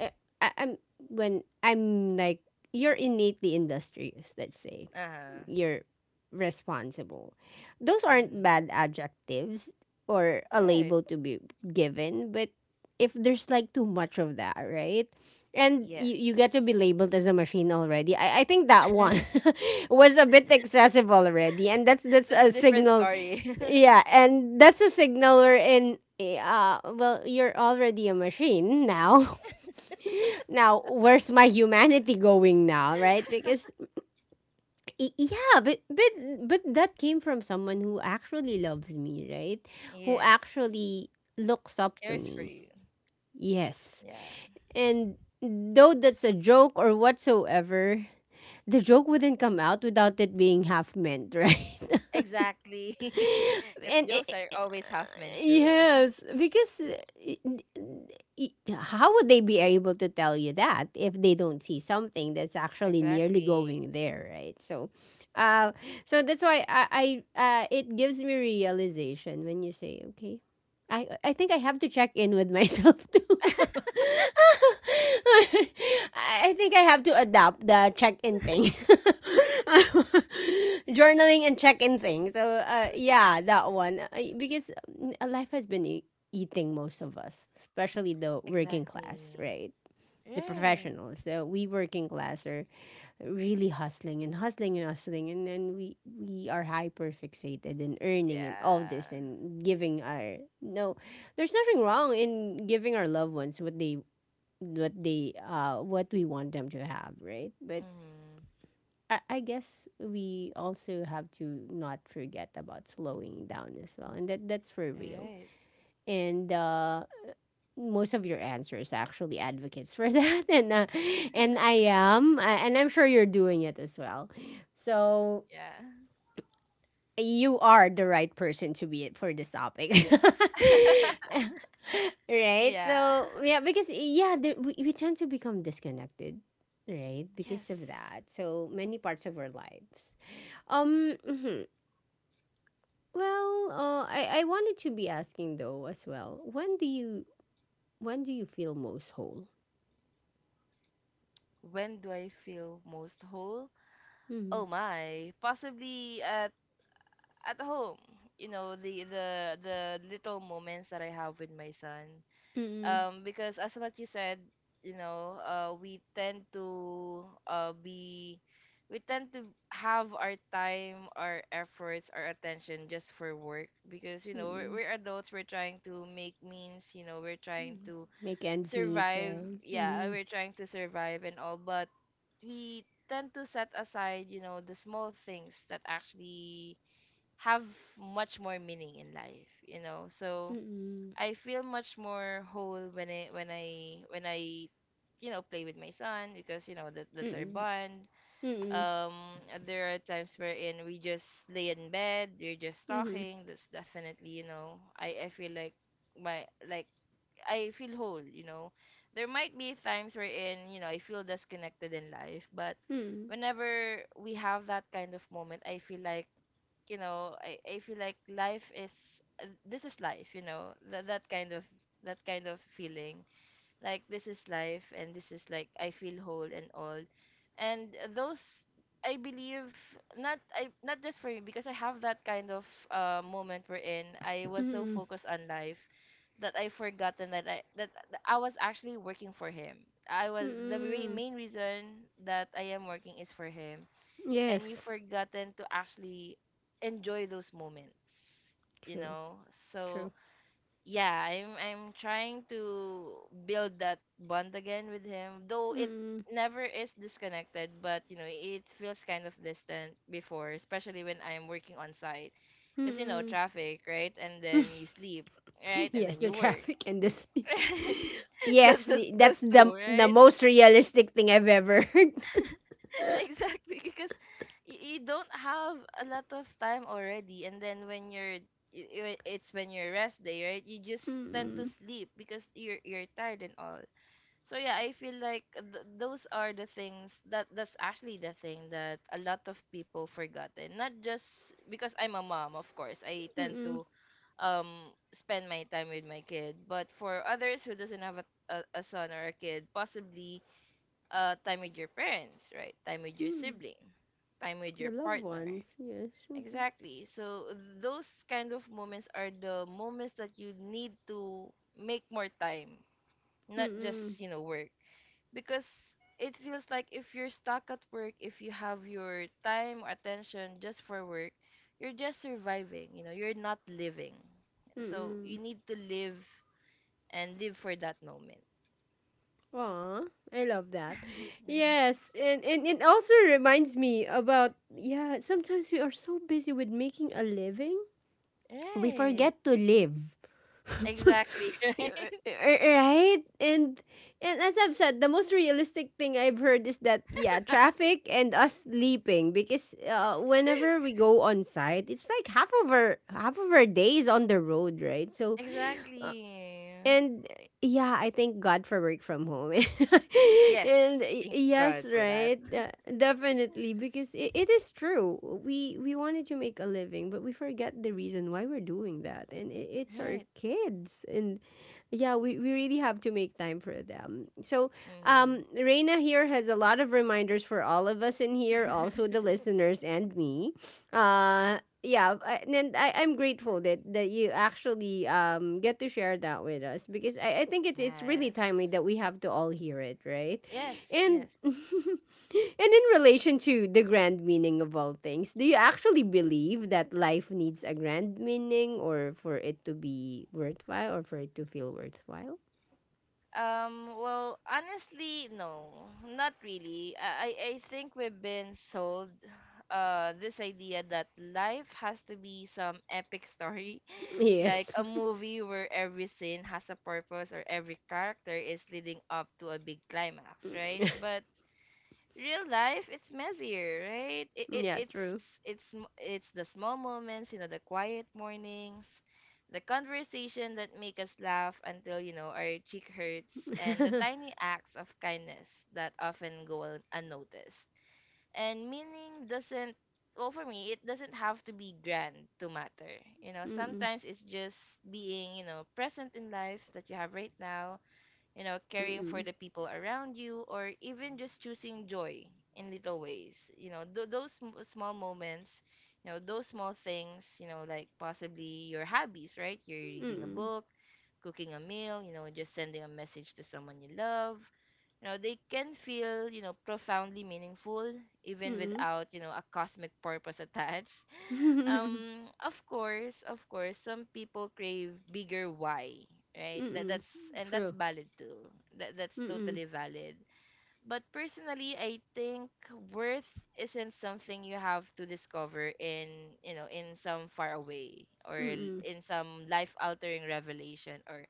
Speaker 1: uh, I'm when I'm like, you're innately industrious. Let's say
Speaker 2: Uh-huh.
Speaker 1: you're responsible. Those aren't
Speaker 2: Hmm.
Speaker 1: bad adjectives or a
Speaker 2: Right.
Speaker 1: label to be given, but if there's like too much of that, right? And you
Speaker 2: Yes.
Speaker 1: get to be labeled as a machine already. I think that one was a bit excessive already, and that's that's
Speaker 2: That's a
Speaker 1: a
Speaker 2: different
Speaker 1: signal.
Speaker 2: story.
Speaker 1: Yeah, and that's a signal in, well, you're already a machine now. Now, where's my humanity going now, right? Because yeah, but that came from someone who actually loves me, right? Who
Speaker 2: Yes.
Speaker 1: actually looks up to
Speaker 2: Cares for
Speaker 1: me.
Speaker 2: you.
Speaker 1: Yes.
Speaker 2: Yeah.
Speaker 1: And though that's a joke or whatsoever, the joke wouldn't come out without it being half meant, right?
Speaker 2: Exactly. Because
Speaker 1: and
Speaker 2: jokes
Speaker 1: it,
Speaker 2: are always half meant true.
Speaker 1: yes, because how would they be able to tell you that if they don't see something that's actually nearly
Speaker 2: Exactly.
Speaker 1: going there, right? So, uh, so that's why I it gives me realization when you say, okay, I think I have to check in with myself too. I I think I have to adopt the check-in thing. Journaling and check-in thing. So yeah, that one life has been eating most of us, especially the working
Speaker 2: Exactly.
Speaker 1: class, right? The
Speaker 2: Right.
Speaker 1: professionals, the we working class really hustling and hustling and hustling and then we are hyper fixated in earning and all this
Speaker 2: Yeah.
Speaker 1: and giving our no, there's nothing wrong in giving our loved ones what they, what they what we want them to have, right? But
Speaker 2: Mm.
Speaker 1: I guess we also have to not forget about slowing down as well, and that's for
Speaker 2: All
Speaker 1: real.
Speaker 2: right.
Speaker 1: And most of your answers actually advocates for that. And and I am and I'm sure you're doing it as well. So
Speaker 2: Yeah.
Speaker 1: you are the right person to be it for this topic. right?
Speaker 2: Yeah.
Speaker 1: So yeah, because yeah, we tend to become disconnected, right? Because
Speaker 2: Yes.
Speaker 1: of that. So many parts of our lives. Um, mhm. I wanted to be asking though as well. When do you feel most whole?
Speaker 2: When do I feel most whole? Oh my, possibly at home. You know, the little moments that I have with my son.
Speaker 1: Mm-hmm.
Speaker 2: Because as what you said, you know, we tend to be we tend to have our time, our efforts, our attention just for work, because you know
Speaker 1: Mm,
Speaker 2: we're adults. We're trying to make means. You know, we're trying
Speaker 1: mm.
Speaker 2: to
Speaker 1: Make ends meet,
Speaker 2: survive.
Speaker 1: right?
Speaker 2: Yeah,
Speaker 1: Mhm.
Speaker 2: we're trying to survive and all, but we tend to set aside, you know, the small things that actually have much more meaning in life, you know.
Speaker 1: Mm,
Speaker 2: So
Speaker 1: mm.
Speaker 2: I feel much more whole when I you know play with my son, because you know that that's our
Speaker 1: Mm,
Speaker 2: bond. Um, there are times wherein we just lay in bed, we're just
Speaker 1: mhm,
Speaker 2: talking. That's definitely you know I feel like my like I feel whole, you know. There might be times wherein, you know, I feel disconnected in life, but
Speaker 1: mm,
Speaker 2: whenever we have that kind of moment, I feel like, you know, I feel like life is this is life, you know. That kind of feeling like this is life and this is like I feel whole and all. And those I believe, not I, not just for me, because I have that kind of moment wherein I was so
Speaker 1: mm,
Speaker 2: focused on life that I forgotten that I was actually working for him. I was the re-
Speaker 1: mm.
Speaker 2: Main reason that I am working is for him, and you
Speaker 1: Yes.
Speaker 2: forgotten to actually enjoy those moments, you
Speaker 1: True,
Speaker 2: know. So
Speaker 1: true.
Speaker 2: yeah, I'm trying to build that bond again with him, though it
Speaker 1: Mm,
Speaker 2: never is disconnected, but you know, it feels kind of distant before, especially when I'm working on site. Because you know,
Speaker 1: mm.
Speaker 2: traffic, right? And then you sleep, right? And
Speaker 1: Yes,
Speaker 2: then
Speaker 1: the
Speaker 2: you work,
Speaker 1: traffic and the sleep.
Speaker 2: right? That,
Speaker 1: Yes,
Speaker 2: that, those
Speaker 1: that's
Speaker 2: two,
Speaker 1: the
Speaker 2: right?
Speaker 1: most realistic thing I've ever heard.
Speaker 2: Exactly, because you don't have a lot of time already, and then when you're it's when your rest day, right? You just tend to
Speaker 1: Mm,
Speaker 2: sleep because you're tired and all. So yeah, I feel like those are the things that that's actually the thing that a lot of people forgotten. Not just because I'm a mom, of course. I tend
Speaker 1: mm,
Speaker 2: to spend my time with my kid, but for others who doesn't have a son or a kid, possibly time with your parents, right? Time with your
Speaker 1: mm.
Speaker 2: sibling, time with
Speaker 1: The
Speaker 2: your
Speaker 1: loved
Speaker 2: partner.
Speaker 1: ones, yes.
Speaker 2: Exactly. So those kind of moments are the moments that you need to make more time,
Speaker 1: Mm,
Speaker 2: not just,
Speaker 1: mm,
Speaker 2: you know, work, because it feels like if you're stuck at work, if you have your time or attention just for work, you're just surviving, you know, you're not living. So
Speaker 1: mm.
Speaker 2: you need to live and live for that moment.
Speaker 1: Aw, I love that. Yes, and it also reminds me about, yeah, sometimes we are so busy with making a living, we
Speaker 2: Right.
Speaker 1: forget to live. R-
Speaker 2: Exactly, right?
Speaker 1: right? And as I've said, the most realistic thing I've heard is that yeah, traffic and us sleeping because whenever we go on site, it's like half of our day is on the road, right? So uh,
Speaker 2: Exactly.
Speaker 1: and yeah, I thank God for work from home.
Speaker 2: Yes.
Speaker 1: and
Speaker 2: Thank
Speaker 1: yes,
Speaker 2: God for that.
Speaker 1: right? Definitely because it is true. We wanted to make a living, but we forget the reason why we're doing that. And it's our
Speaker 2: Right.
Speaker 1: kids. And yeah, we really have to make time for them. So,
Speaker 2: Mm-hmm.
Speaker 1: Reina here has a lot of reminders for all of us in here, also the listeners and me. Uh, yeah, I, and then I, I'm grateful that you actually get to share that with us because I think it's really
Speaker 2: Yes.
Speaker 1: timely that we have to all hear it, right?
Speaker 2: Yes,
Speaker 1: and
Speaker 2: yes.
Speaker 1: And in relation to the grand meaning of all things, do you actually believe that life needs a grand meaning or for it to be worthwhile or for it to feel worthwhile?
Speaker 2: Well, honestly, no, not really. I I think we've been sold this idea that life has to be some epic story, like
Speaker 1: Yes.
Speaker 2: a movie where every scene has a purpose or every character is leading up to a big climax, right? But real life, it's messier, right? it, it
Speaker 1: Yeah,
Speaker 2: it's
Speaker 1: true.
Speaker 2: it's m- it's the small moments, you know, the quiet mornings, the conversation that make us laugh until, you know, our cheek hurts, and the tiny acts of kindness that often go unnoticed. And meaning doesn't— well, for me it doesn't have to be grand to matter, you know.
Speaker 1: Mm-mm.
Speaker 2: Sometimes it's just being, you know, present in life that you have right now, you know, caring for
Speaker 1: Mm-mm.
Speaker 2: the people around you, or even just choosing joy in little ways. You know, small moments, you know, those small things, you know, like possibly your hobbies, right? You're reading a
Speaker 1: Mm-mm.
Speaker 2: book, cooking a meal, you know, just sending a message to someone you love. You know, they can feel, you know, profoundly meaningful even
Speaker 1: Mm-mm.
Speaker 2: without, you know, a cosmic purpose attached. Um, of course, of course, some people crave bigger why, right? that
Speaker 1: Mm-mm.
Speaker 2: that's and that's
Speaker 1: True.
Speaker 2: valid too. That's
Speaker 1: Mm-mm.
Speaker 2: totally valid. But personally, I think worth isn't something you have to discover in, you know, in some far away or
Speaker 1: Mm-mm.
Speaker 2: in some life altering revelation or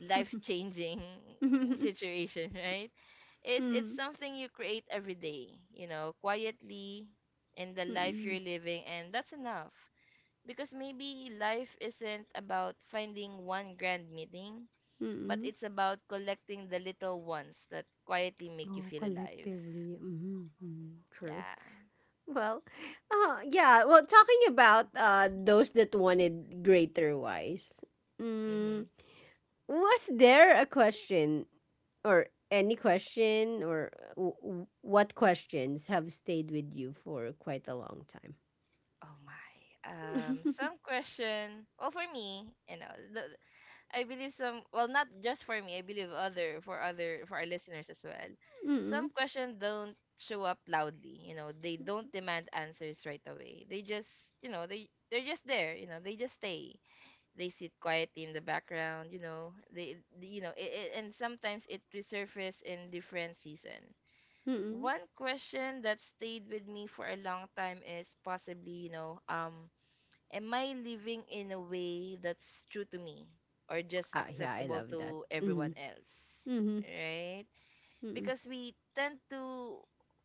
Speaker 2: life changing situation, right? It's
Speaker 1: Mm.
Speaker 2: something you create every day, you know, quietly, in the life you're
Speaker 1: Mm-mm.
Speaker 2: living, and that's enough. Because maybe life isn't about finding one grand meeting, but
Speaker 1: Mm-mm.
Speaker 2: it's about collecting the little ones that quietly make you
Speaker 1: Oh,
Speaker 2: feel alive.
Speaker 1: collectively. Mm-hmm. Mm-hmm. True.
Speaker 2: Yeah.
Speaker 1: Well, yeah. Well, talking about those that wanted greater wise, mm,
Speaker 2: Mm-hmm.
Speaker 1: was there a question or any question, or what questions have stayed with you for quite a long time?
Speaker 2: Oh my. Some question. Well, for me, you know, the— I believe some— well, not just for me, I believe other for other for our listeners as well. Some
Speaker 1: Mm-mm.
Speaker 2: questions don't show up loudly. You know, they don't demand answers right away. They just, you know, they're just there. You know, they just stay, they sit quietly in the background, you know, you know, and sometimes it resurfaces in different season.
Speaker 1: Mm-mm.
Speaker 2: One question that stayed with me for a long time is possibly, you know, um, am I living in a way that's true to me or just
Speaker 1: Ah, yeah, I
Speaker 2: acceptable
Speaker 1: love that.
Speaker 2: to
Speaker 1: Mm-hmm.
Speaker 2: everyone else?
Speaker 1: Mm-hmm.
Speaker 2: Right.
Speaker 1: Mm-mm.
Speaker 2: Because we tend to—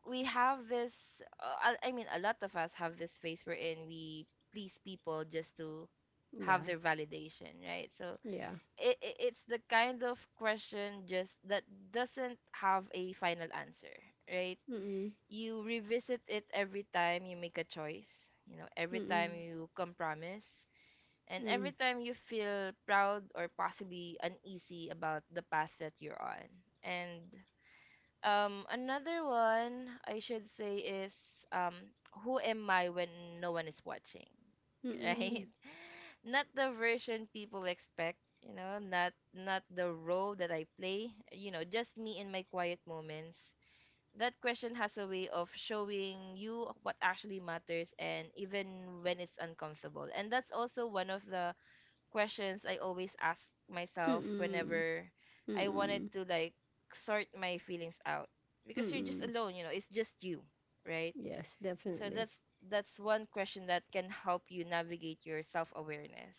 Speaker 2: we have this— I mean, a lot of us have this phase wherein we please people just to have
Speaker 1: Yeah.
Speaker 2: their validation, right? So
Speaker 1: Yeah.
Speaker 2: it's the kind of question just that doesn't have a final answer, right?
Speaker 1: Mm-mm.
Speaker 2: You revisit it every time you make a choice, you know, every time
Speaker 1: Mm-mm.
Speaker 2: you compromise, and every
Speaker 1: Mm.
Speaker 2: time you feel proud or possibly uneasy about the path that you're on. And another one I should say is, um, who am I when no one is watching, right?
Speaker 1: Mm-mm.
Speaker 2: Not the version people expect, you know, not the role that I play, you know, just me in my quiet moments. That question has a way of showing you what actually matters, and even when it's uncomfortable. And that's also one of the questions I always ask myself
Speaker 1: Mm-mm.
Speaker 2: whenever I wanted
Speaker 1: Mm-mm.
Speaker 2: to, like, sort my feelings out, because you're just
Speaker 1: Mm-mm.
Speaker 2: alone, you know, it's just you, right?
Speaker 1: Yes,
Speaker 2: So
Speaker 1: definitely.
Speaker 2: that's— that's one question that can help you navigate your self-awareness.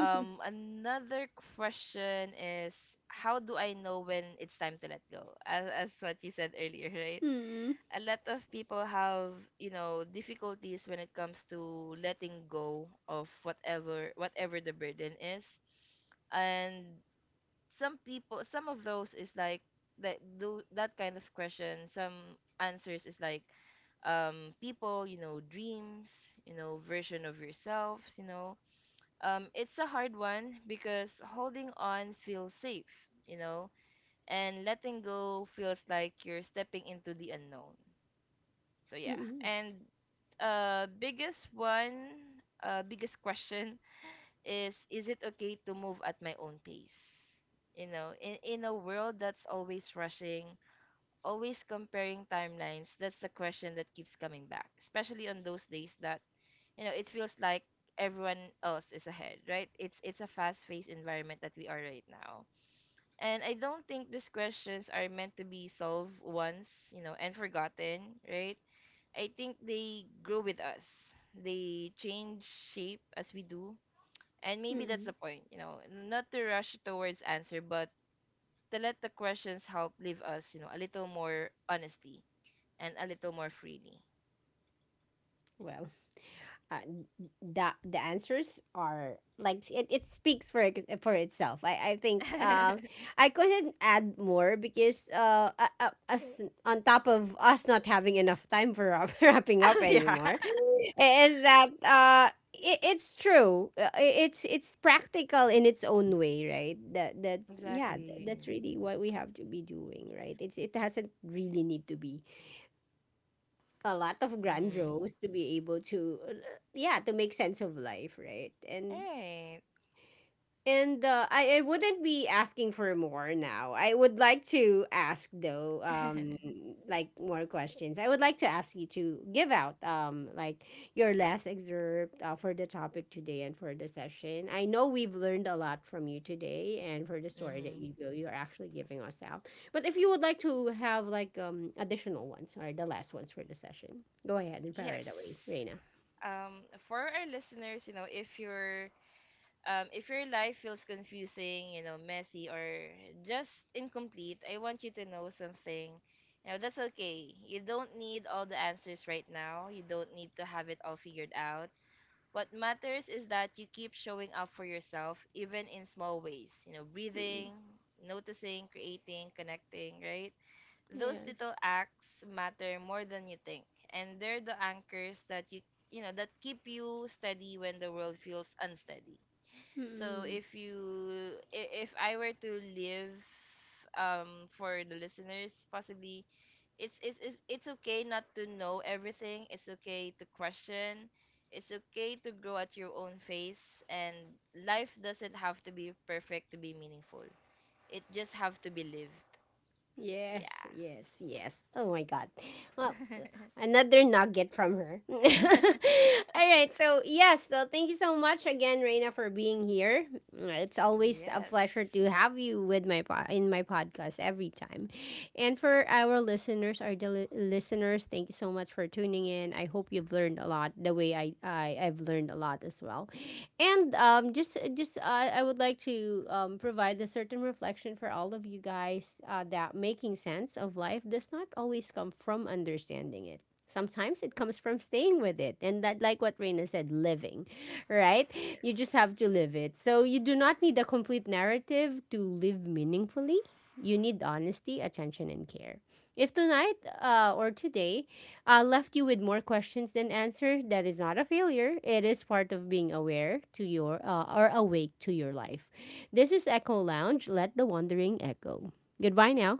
Speaker 2: Another question is, how do I know when it's time to let go? As what you said earlier, right?
Speaker 1: Mm-mm.
Speaker 2: A lot of people have, you know, difficulties when it comes to letting go of whatever the burden is. And some people, some of those is like, that do that kind of question, some answers is like, people, you know, dreams, you know, version of yourselves, you know, it's a hard one because holding on feels safe, you know, and letting go feels like you're stepping into the unknown. So yeah,
Speaker 1: Mm-mm.
Speaker 2: and biggest one, biggest question is it okay to move at my own pace? You know, in a world that's always rushing, always comparing timelines, that's the question that keeps coming back, especially on those days that, you know, it feels like everyone else is ahead, right? It's— it's a fast-paced environment that we are right now. And I don't think these questions are meant to be solved once, you know, and forgotten, right? I think they grow with us. They change shape as we do. And maybe that's the
Speaker 1: Mm-mm.
Speaker 2: point, you know, not to rush towards answer, but to let the questions help leave us, you know, a little more honestly and a little more freely.
Speaker 1: Wow. uh, the answers are like it speaks for for itself. I think I couldn't add more because us on top of us not having enough time for wrapping up
Speaker 2: Oh yeah.
Speaker 1: anymore, is that it's true. It's practical in its own way, right? That yeah,
Speaker 2: Exactly.
Speaker 1: that's really what we have to be doing, right? It's it doesn't really need to be a lot of
Speaker 2: Mm-hmm.
Speaker 1: grandiose to be able to yeah, to make sense of life, right?
Speaker 2: All
Speaker 1: And
Speaker 2: right.
Speaker 1: I wouldn't be asking for more now. I would like to ask though, like more questions. I would like to ask you to give out like your last excerpt for the topic today and for the session. I know we've learned a lot from you today and for the story that
Speaker 2: Mm-hmm.
Speaker 1: you're actually giving us out. But if you would like to have like additional ones or the last ones for the session, go ahead and fire
Speaker 2: Yes.
Speaker 1: it away, Reina.
Speaker 2: For our listeners, you know, if you're— if your life feels confusing, you know, messy or just incomplete, I want you to know something. Now that's okay. You don't need all the answers right now. You don't need to have it all figured out. What matters is that you keep showing up for yourself, even in small ways. You know,
Speaker 1: Mm-mm.
Speaker 2: breathing, noticing, creating, connecting, right? Those little
Speaker 1: Yes.
Speaker 2: acts matter more than you think. And they're the anchors that you know, that keep you steady when the world feels unsteady. So
Speaker 1: Mm-mm.
Speaker 2: if you if I were to live, um, for the listeners, possibly it's it's okay not to know everything. It's okay to question. It's okay to grow at your own pace, and life doesn't have to be perfect to be meaningful. It just have to be lived. So, yeah.
Speaker 1: Yes, yes, yes. Oh my God. Well, another nugget from her. All right. So, yes, so thank you so much again, Reina, for being here. It's always a
Speaker 2: Yes.
Speaker 1: pleasure to have you with in my podcast every time. And
Speaker 2: Yep.
Speaker 1: for our listeners, our listeners, thank you so much for tuning in. I hope you've learned a lot the way I've learned a lot as well. And just I would like to provide a certain reflection for all of you guys that making sense of life does not always come from understanding it. Sometimes it comes from staying with it. And that, like what Reina said, living, right?
Speaker 2: Yes.
Speaker 1: You just have to live it. So you do not need a complete narrative to live meaningfully. You need honesty, attention, and care. If tonight or today left you with more questions than answers, that is not a failure. It is part of being aware to your or awake to your life. This is Echo Lounge. Let the wandering echo. Goodbye now.